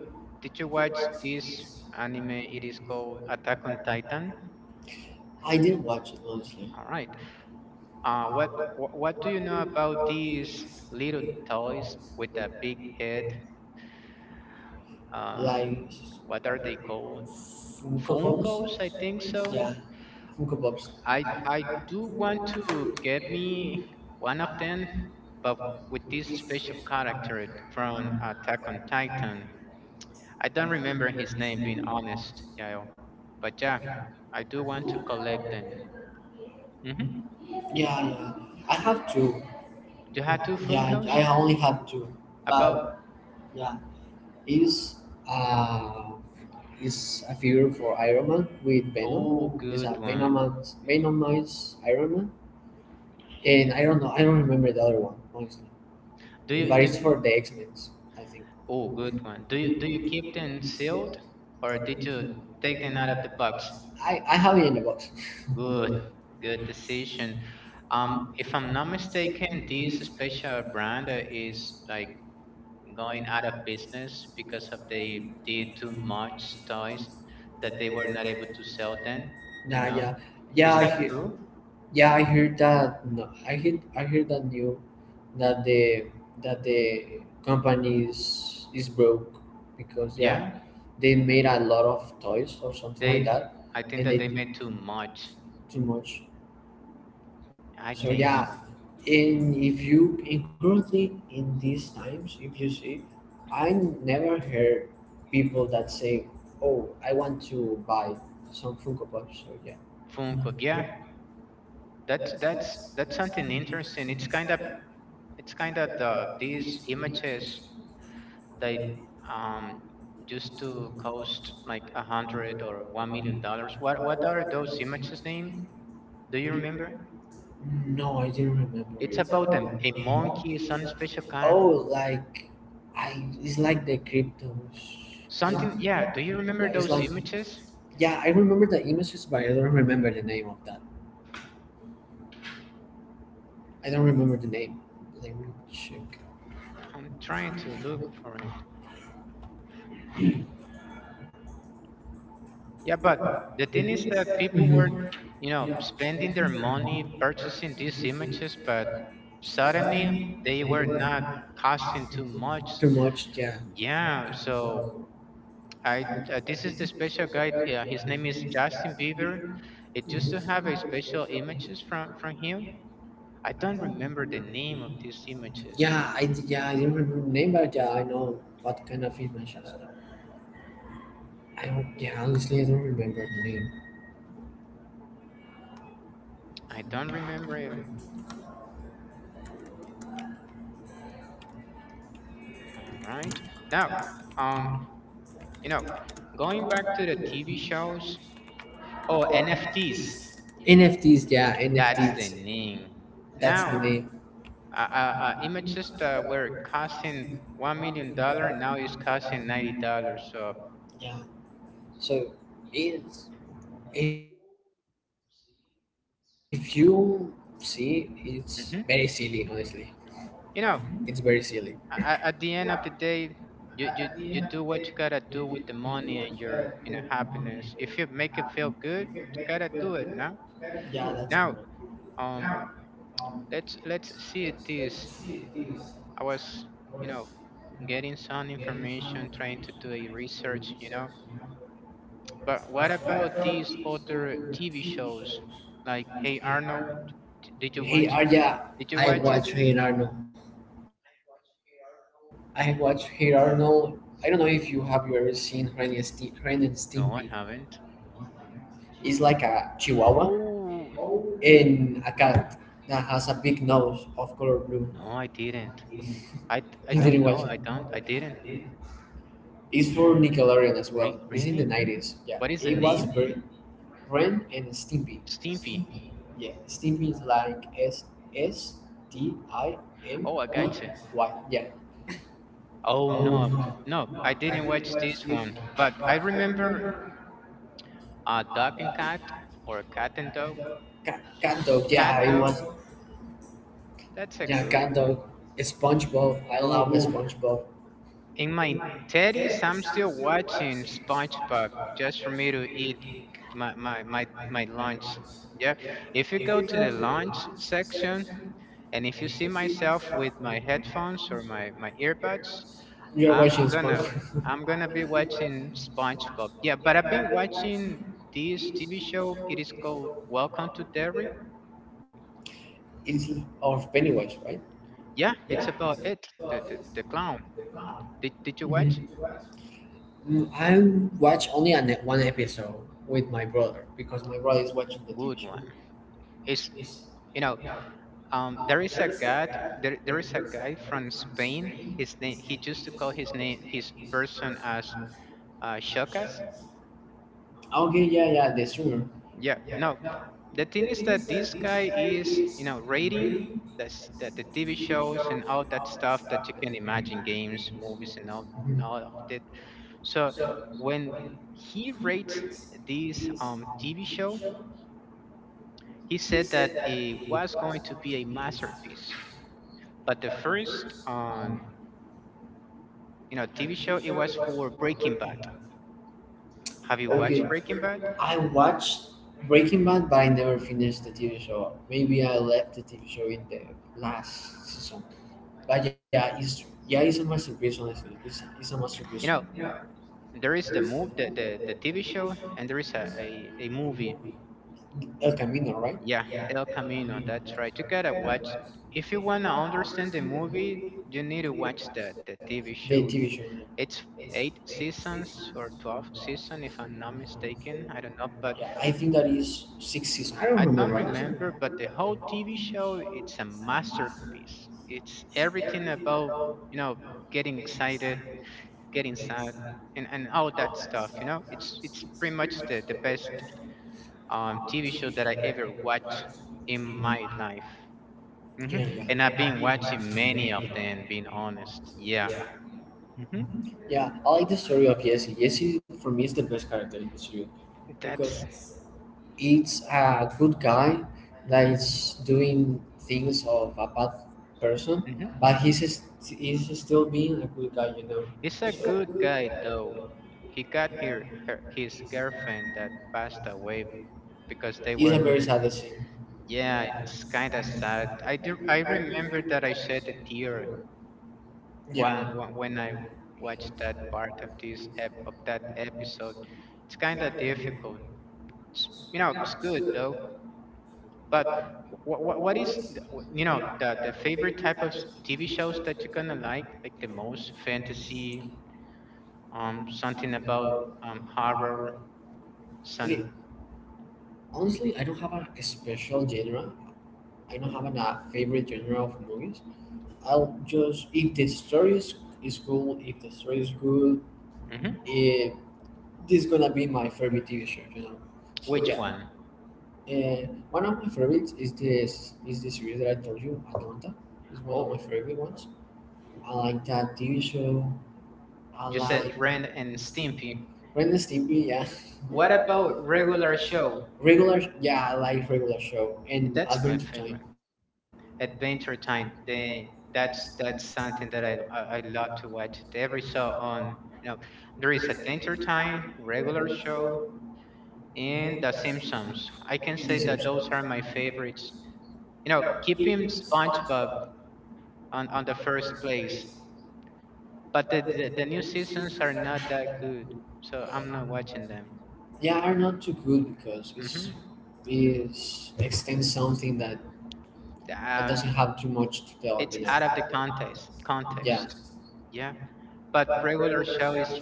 Speaker 1: did you watch this anime? It is called Attack on Titan.
Speaker 2: I didn't watch it honestly,
Speaker 1: All right. What do you know about these little toys with a big head, uh,
Speaker 2: like.
Speaker 1: what are they called?
Speaker 2: Funko Pops?
Speaker 1: Funkos. I think so.
Speaker 2: Yeah, Funko Pops,
Speaker 1: I do want to get me one of them, but with this special character from Attack on Titan. I don't remember his name, being honest, Yael. But yeah, I do want to collect them. hmm
Speaker 2: yeah, yeah. I have two.
Speaker 1: You have two
Speaker 2: Yeah, I
Speaker 1: Funkos?
Speaker 2: I only have two.
Speaker 1: About
Speaker 2: But yeah, is uh, is a figure for Iron Man with
Speaker 1: oh,
Speaker 2: Venom. Is a
Speaker 1: good one.
Speaker 2: Venomized, Venomized Iron Man, and I don't know. I don't remember the other one honestly.
Speaker 1: Do you
Speaker 2: But
Speaker 1: do?
Speaker 2: it's for the X Men, I think.
Speaker 1: Oh, good one. Do you keep them sealed, or did you take them out of the box?
Speaker 2: I have it in the box.
Speaker 1: Good, good decision. If I'm not mistaken, this special brand is like going out of business because of they did too much toys that they were not able to sell then, you
Speaker 2: Nah,
Speaker 1: know?
Speaker 2: yeah, yeah.
Speaker 1: Is
Speaker 2: I
Speaker 1: that
Speaker 2: hear,
Speaker 1: true?
Speaker 2: yeah, I heard that. No, I heard that new that the company is broke because
Speaker 1: Yeah,
Speaker 2: yeah they made a lot of toys or something like
Speaker 1: they.
Speaker 2: that
Speaker 1: I think
Speaker 2: and they
Speaker 1: that they made
Speaker 2: did
Speaker 1: too much.
Speaker 2: too much.
Speaker 1: I
Speaker 2: So
Speaker 1: think
Speaker 2: yeah,
Speaker 1: so.
Speaker 2: and if you and currently in these times if you see, I never heard people that say, oh, I want to buy some Funko Pop. So yeah,
Speaker 1: Funko. Yeah, that's something interesting. It's kind of the these images that um used to cost like $100 or $1 million. What are those images name? Do you remember?
Speaker 2: no, I didn't remember
Speaker 1: It's
Speaker 2: it.
Speaker 1: about a monkey, some special character,
Speaker 2: Oh, like I, it's like the cryptos.
Speaker 1: something. Yeah, do
Speaker 2: Yeah,
Speaker 1: you
Speaker 2: do you yeah,
Speaker 1: remember
Speaker 2: it's
Speaker 1: those
Speaker 2: remember like
Speaker 1: images?
Speaker 2: those yeah. I remember the images, but I don't remember the name of that. I don't remember the name. Let me check.
Speaker 1: I'm trying to look for it. Yeah, but the
Speaker 2: The
Speaker 1: thing
Speaker 2: thing
Speaker 1: is
Speaker 2: is
Speaker 1: that
Speaker 2: that
Speaker 1: people
Speaker 2: people,
Speaker 1: were,
Speaker 2: Mhm, were
Speaker 1: you know, spending their money purchasing these images, but suddenly they were not costing
Speaker 2: asking
Speaker 1: too
Speaker 2: too much.
Speaker 1: much.
Speaker 2: Too much, yeah.
Speaker 1: Yeah, so I this is the special guy. His name is Justin Bieber. It used to have a special images from him. I
Speaker 2: I
Speaker 1: don't
Speaker 2: don't
Speaker 1: remember the
Speaker 2: remember the
Speaker 1: name of
Speaker 2: name
Speaker 1: these
Speaker 2: of this image.
Speaker 1: images.
Speaker 2: Yeah, I didn't remember the name, but yeah, I know what kind of images. I don't yeah honestly I don't remember the name.
Speaker 1: I don't remember even. All right. Now, um, you know, going back to the TV shows. Oh, NFTs.
Speaker 2: NFTs, yeah,
Speaker 1: That's the
Speaker 2: NFTs.
Speaker 1: name.
Speaker 2: That's
Speaker 1: Now,
Speaker 2: the name.
Speaker 1: images that were costing $1 million now is costing $90. So,
Speaker 2: Yeah, so it's if you see, it's very silly. Honestly,
Speaker 1: mhm.
Speaker 2: it's very silly.
Speaker 1: you know, at the end of the day, you do what you gotta do with the money and your happiness. If you make it feel good, you gotta do it.
Speaker 2: Yeah, that's correct.
Speaker 1: Now, um, let's see it this. I was, you know, getting some information, trying to do a research, But what about these other TV shows? Like, Hey Arnold, did you
Speaker 2: Hey
Speaker 1: watch?
Speaker 2: Ar- yeah,
Speaker 1: Did you
Speaker 2: I
Speaker 1: watch it?
Speaker 2: watch Hey Arno. I watch Hey Arno. I don't know if you ever seen Ren and Stimpy.
Speaker 1: No, I haven't.
Speaker 2: It's like a Chihuahua
Speaker 1: Oh,
Speaker 2: and a cat that has a big nose of color blue.
Speaker 1: no, I didn't. I
Speaker 2: You
Speaker 1: I
Speaker 2: didn't
Speaker 1: don't
Speaker 2: watch it.
Speaker 1: know. I don't. I didn't.
Speaker 2: It's for Nickelodeon as well. It's in the
Speaker 1: Really?
Speaker 2: nineties. Yeah,
Speaker 1: What is the
Speaker 2: it was
Speaker 1: name?
Speaker 2: very Ren and Stimpy.
Speaker 1: Stimpy.
Speaker 2: Yeah, Stimpy is like S S T I
Speaker 1: Oh,
Speaker 2: M
Speaker 1: I
Speaker 2: P
Speaker 1: gotcha.
Speaker 2: Y. Yeah.
Speaker 1: Oh no, no, I didn't watch this one. But I remember Dog and Cat or Cat and Dog.
Speaker 2: Cat, cat dog. Yeah,
Speaker 1: Cat
Speaker 2: I was.
Speaker 1: That's a
Speaker 2: Yeah,
Speaker 1: good
Speaker 2: cat
Speaker 1: one.
Speaker 2: dog. SpongeBob. I love
Speaker 1: Ooh,
Speaker 2: SpongeBob.
Speaker 1: in my teddies, I'm still watching SpongeBob just for me to eat my lunch. Yeah. If you go to the lunch section and if you see myself with my headphones or my earbuds,
Speaker 2: You're
Speaker 1: I'm
Speaker 2: watching
Speaker 1: gonna
Speaker 2: SpongeBob. [LAUGHS]
Speaker 1: I'm gonna be watching SpongeBob. Yeah, but I've been watching this TV show. It is called Welcome to Derry.
Speaker 2: It's of Pennywise, right?
Speaker 1: Yeah, it's about the clown. Did you
Speaker 2: Mm,
Speaker 1: watch?
Speaker 2: I watch only one episode with my brother because my brother is watching the TV
Speaker 1: Good
Speaker 2: show.
Speaker 1: one. Is you know there is a guy there, there is a guy from Spain. His name He used to call his person as Shokas.
Speaker 2: Okay, yeah, yeah, the streamer.
Speaker 1: Yeah. No, the thing is that this guy is, rating that's that the TV shows and all that stuff that you can imagine, games, movies,
Speaker 2: Mhm.
Speaker 1: and all of that. So when he rates this TV show, he said that it was going to be a masterpiece. But the first TV show, it was for Breaking Bad. Have you
Speaker 2: Okay,
Speaker 1: watched Breaking Bad?
Speaker 2: I watched Breaking Bad, but I never finished the TV show. Maybe I left the TV show in the last season. But yeah, it's a masterpiece. Honestly, it's a masterpiece.
Speaker 1: You know, there is the TV show and there is a movie.
Speaker 2: El Camino, right?
Speaker 1: Yeah, El Camino. That's right. You gotta watch if you wanna understand the movie. You need to watch the TV
Speaker 2: The TV
Speaker 1: show.
Speaker 2: show. Yeah.
Speaker 1: It's eight seasons or 12 season, if I'm not mistaken. I don't know, but
Speaker 2: Yeah, I think that is six seasons. I don't
Speaker 1: I
Speaker 2: remember
Speaker 1: don't
Speaker 2: honestly.
Speaker 1: remember. But the whole TV show, it's a masterpiece. It's everything about, you know getting excited, getting sad, and all that stuff, It's pretty much the best TV show that I ever watched in my life. Hmm.
Speaker 2: Yeah,
Speaker 1: And I've
Speaker 2: yeah.
Speaker 1: been watching many of them, being honest. Yeah. Hmm.
Speaker 2: Yeah, I like the story of Jesse. Jesse for me is the best character in the series because
Speaker 1: That's...
Speaker 2: it's a good guy that
Speaker 1: hmm.
Speaker 2: is doing things of a bad person,
Speaker 1: Hmm,
Speaker 2: but he's still being a good guy, you know.
Speaker 1: he's a
Speaker 2: So
Speaker 1: good guy though. He got his girlfriend that passed away because they
Speaker 2: it's
Speaker 1: were...
Speaker 2: a very sad scene.
Speaker 1: yeah, it's kind of sad. I remember that. I shed a tear when
Speaker 2: Yeah.
Speaker 1: when I watch that part of this ep of that episode. It's kind of difficult. It's, it's good though. But what is th- wh- the favorite type of TV shows that you're gonna like the most? Fantasy, something about horror, some.
Speaker 2: Okay, honestly, I don't have a special genre. I don't have a favorite genre of movies. I'll just if the story is cool, if the story is good,
Speaker 1: Hmm.
Speaker 2: eh, this is gonna be my favorite TV show, you know, so
Speaker 1: Which
Speaker 2: yeah.
Speaker 1: one?
Speaker 2: One of my favorites is this is the series that I told you, Atlanta. Is one of my
Speaker 1: Oh,
Speaker 2: favorite ones. I like that TV show. I
Speaker 1: you said
Speaker 2: like
Speaker 1: Ren and Stimpy.
Speaker 2: Brenda Stimpy, yeah.
Speaker 1: What about Regular Show?
Speaker 2: Regular, yeah, I like regular show and
Speaker 1: That's my
Speaker 2: Adventure Time.
Speaker 1: favorite. Adventure Time. They That's something that I love to watch. Every show on, you know there is Adventure Time, Regular Show, and The Simpsons. I can
Speaker 2: The
Speaker 1: say that those
Speaker 2: Simpsons.
Speaker 1: are my favorites. You know, keeping SpongeBob on the first place, but the new seasons are not that good, so I'm not watching them.
Speaker 2: Yeah, are not too good because
Speaker 1: Hmm.
Speaker 2: it's extends something that
Speaker 1: Uh,
Speaker 2: doesn't have too much to tell,
Speaker 1: it's
Speaker 2: you know.
Speaker 1: out of the
Speaker 2: Yeah,
Speaker 1: context. Yeah, but Regular Show, is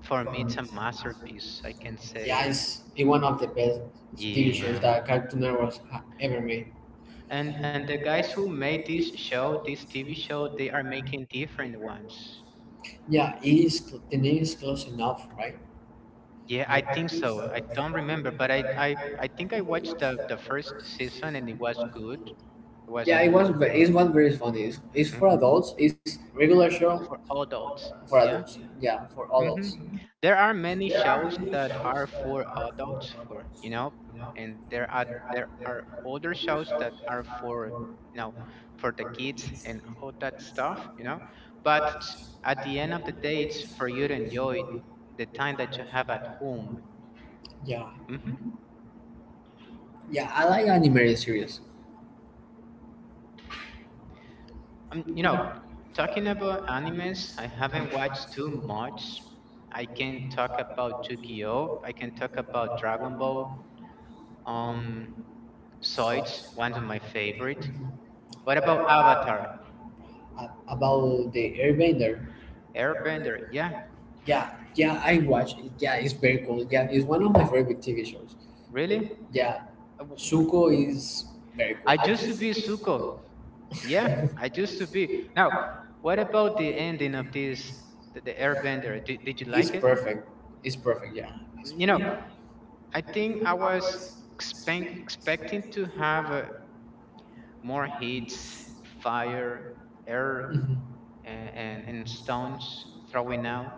Speaker 1: for me, it's a masterpiece, I can
Speaker 2: yeah,
Speaker 1: say.
Speaker 2: say that. It's it one of the best TV shows
Speaker 1: Yeah,
Speaker 2: that Cartoon Network ha ever made.
Speaker 1: and the guys who made this show, this TV show, they are making different ones.
Speaker 2: Yeah, the name is close enough, right?
Speaker 1: Yeah, I think so. I don't remember, but I think I watched the first season, and it was good. It was
Speaker 2: Yeah, it
Speaker 1: good
Speaker 2: was.
Speaker 1: though.
Speaker 2: It was very funny. It's for
Speaker 1: Mhm.
Speaker 2: adults. It's regular show
Speaker 1: For
Speaker 2: all
Speaker 1: adults.
Speaker 2: of for
Speaker 1: Yeah.
Speaker 2: adults. Yeah. Yeah, for adults.
Speaker 1: Hmm, there are many shows that are for adults, for and there are older shows that are for, you know for the kids and all that stuff, but at the end of the day, it's for you to enjoy the time that you have at home.
Speaker 2: Yeah,
Speaker 1: Hmm.
Speaker 2: yeah, I like animated series
Speaker 1: um, you know talking about animes, I haven't watched too much. I can talk about Yu-Gi-Oh, I can talk about Dragon Ball, um Zoids, one of my favorite. What about Avatar?
Speaker 2: about the Airbender.
Speaker 1: Airbender? Yeah,
Speaker 2: Yeah, yeah, I watch it. Yeah, it's very cool. Yeah, it's one of my favorite TV shows.
Speaker 1: really?
Speaker 2: Yeah,
Speaker 1: Uh, w-
Speaker 2: Suko is very cool.
Speaker 1: I
Speaker 2: I
Speaker 1: used to be
Speaker 2: just
Speaker 1: Zuko. Yeah, I used to be. Now, what about the ending of the Airbender? Did you
Speaker 2: It's
Speaker 1: like it?
Speaker 2: perfect. It's perfect. Yeah.
Speaker 1: You know, I think I was expecting to have more hits, fire, air,
Speaker 2: Mhm.
Speaker 1: and stones throwing out.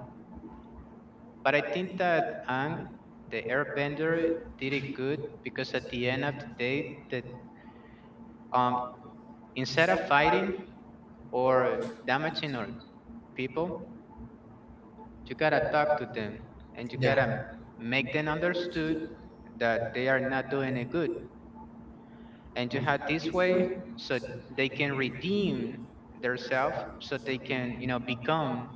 Speaker 1: But I think that Ang, the Airbender, did it good. Because at the end of the day, that um, instead of fighting or damaging other people, you gotta talk to them, and you gotta
Speaker 2: Yeah.
Speaker 1: make them understood that they are not doing it good. And you have this way so they can redeem themselves, so they can, become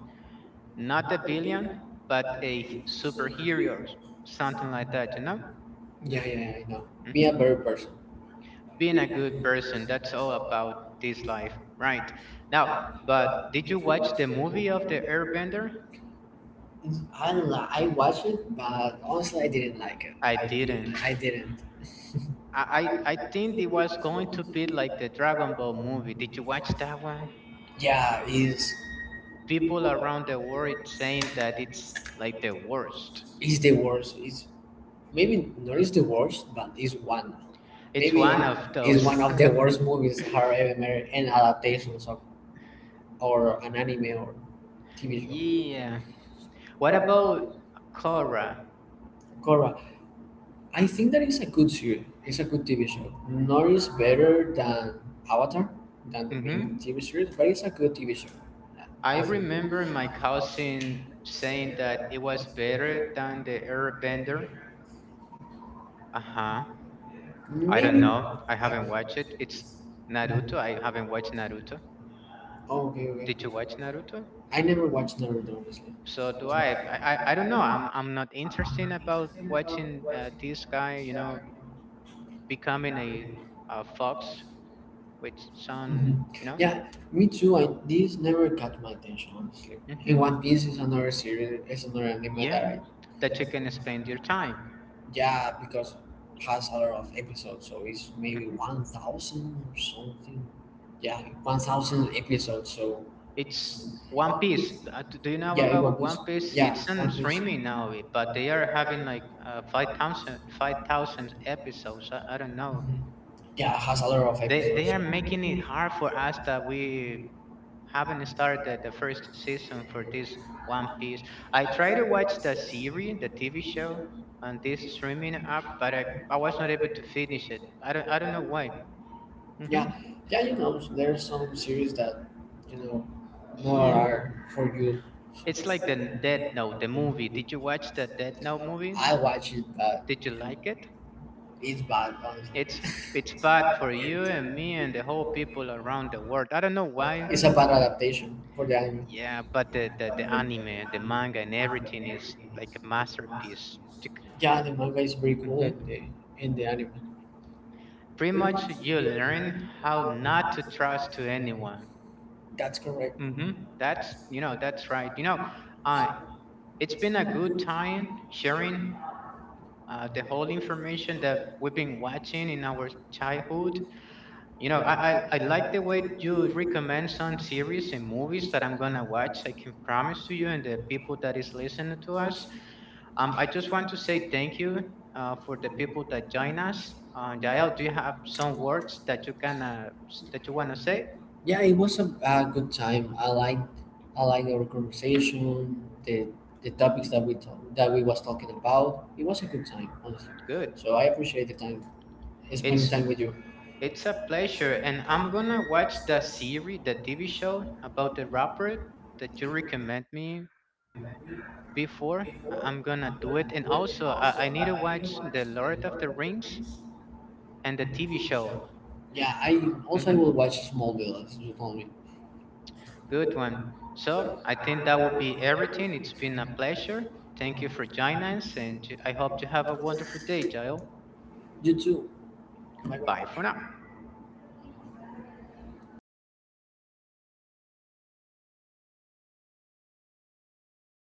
Speaker 1: not a villain, but a superhero or something like that, you know?
Speaker 2: Yeah, yeah, yeah, I know. Be
Speaker 1: Hmm.
Speaker 2: a better person.
Speaker 1: Being a good person, that's all about this life, right? Now, but did you watch the movie of the Airbender?
Speaker 2: I watched it, but honestly, I didn't like it.
Speaker 1: I
Speaker 2: I
Speaker 1: didn't.
Speaker 2: didn't. I didn't.
Speaker 1: I think it was going to be like the Dragon Ball movie. Did you watch that one?
Speaker 2: Yeah,
Speaker 1: People around the world saying that it's like the worst.
Speaker 2: is the worst. It's maybe not is the worst, but it's one.
Speaker 1: It's
Speaker 2: Maybe
Speaker 1: one of
Speaker 2: it's
Speaker 1: those.
Speaker 2: one of the
Speaker 1: [LAUGHS]
Speaker 2: worst movies I've ever made, and adaptations of or an anime or TV show.
Speaker 1: Yeah. What about Korra?
Speaker 2: Korra, I think that is a good series. It's a good TV show. Not is better than Avatar, than the
Speaker 1: Mm-hmm.
Speaker 2: main TV series, but it's a good TV show,
Speaker 1: I
Speaker 2: I think.
Speaker 1: remember my cousin saying that it was better than the Airbender. Uh huh. I don't
Speaker 2: Maybe.
Speaker 1: know, I haven't watched it. It's Naruto. I haven't watched Naruto.
Speaker 2: Oh, okay, okay.
Speaker 1: Did you watch Naruto?
Speaker 2: I never watched Naruto,
Speaker 1: So do I. I don't know. I'm not interested about
Speaker 2: honestly.
Speaker 1: watching, this guy, you know, becoming a fox with some,
Speaker 2: Mhm.
Speaker 1: you know.
Speaker 2: Yeah, me too. I this never got my attention honestly.
Speaker 1: Hmm.
Speaker 2: And One Piece is another series, is another anime
Speaker 1: Yeah,
Speaker 2: that I
Speaker 1: that you can spend your time.
Speaker 2: yeah because has a lot of episodes, so it's maybe
Speaker 1: Hmm.
Speaker 2: 1,000 or something. Yeah, 1,000 episodes. So
Speaker 1: It's One Piece. Do you know
Speaker 2: yeah, it
Speaker 1: about
Speaker 2: One Piece.
Speaker 1: One Piece?
Speaker 2: Yeah,
Speaker 1: It's on
Speaker 2: One Piece.
Speaker 1: streaming now, eh, but they are having like 5,000 episodes. I don't know.
Speaker 2: Mhm. Yeah, has a lot of
Speaker 1: They
Speaker 2: episodes.
Speaker 1: are
Speaker 2: So.
Speaker 1: making it hard for us that we haven't started the first season for this One Piece. I try to watch the series, the TV show, on this streaming app, but I was not able to finish it. I don't know why. Hmm.
Speaker 2: Yeah, yeah, you know, there are some series that, you know, nor
Speaker 1: Yeah,
Speaker 2: are for you.
Speaker 1: it's like the Death Note, the movie. Did you watch the Death Note movies?
Speaker 2: I watch it, but
Speaker 1: Did you like it?
Speaker 2: it's bad, honestly.
Speaker 1: It's it's bad for
Speaker 2: [LAUGHS]
Speaker 1: you
Speaker 2: It-
Speaker 1: and me and the whole people around the world. I don't know why.
Speaker 2: it's a bad adaptation for the anime.
Speaker 1: Yeah, but the anime, the manga, and everything is like a masterpiece. To
Speaker 2: Yeah, the manga is very
Speaker 1: Mhm.
Speaker 2: cool in the anime.
Speaker 1: Pretty much, you learn how not to trust to anyone.
Speaker 2: That's correct.
Speaker 1: Hmm. That's that's right. You know, uh, it's been a good time sharing, the whole information that we've been watching in our childhood. You know, I like the way you recommend some series and movies that I'm gonna watch. I can promise to you and the people that is listening to us. I just want to say thank you, for the people that join us. Jael, do you have some words that you can, that you wanna say?
Speaker 2: Yeah, it was a good time. I liked our conversation, the topics that we talk, that we was talking about. It was a good time, honestly.
Speaker 1: Good.
Speaker 2: So I appreciate the time spending
Speaker 1: It's
Speaker 2: time with you.
Speaker 1: it's a pleasure, and I'm gonna watch the series, the TV show about the rapper that you recommend me before. I'm gonna do it, and also I need to watch the Lord of the Rings and the TV show.
Speaker 2: Yeah, I
Speaker 1: Hmm.
Speaker 2: will watch Smallville as you told me.
Speaker 1: Good one. So I think that would be everything. It's been a pleasure. Thank you for joining us, and I hope you have a wonderful day, Jael.
Speaker 2: You too. Bye
Speaker 1: Bye for
Speaker 2: bye.
Speaker 1: now.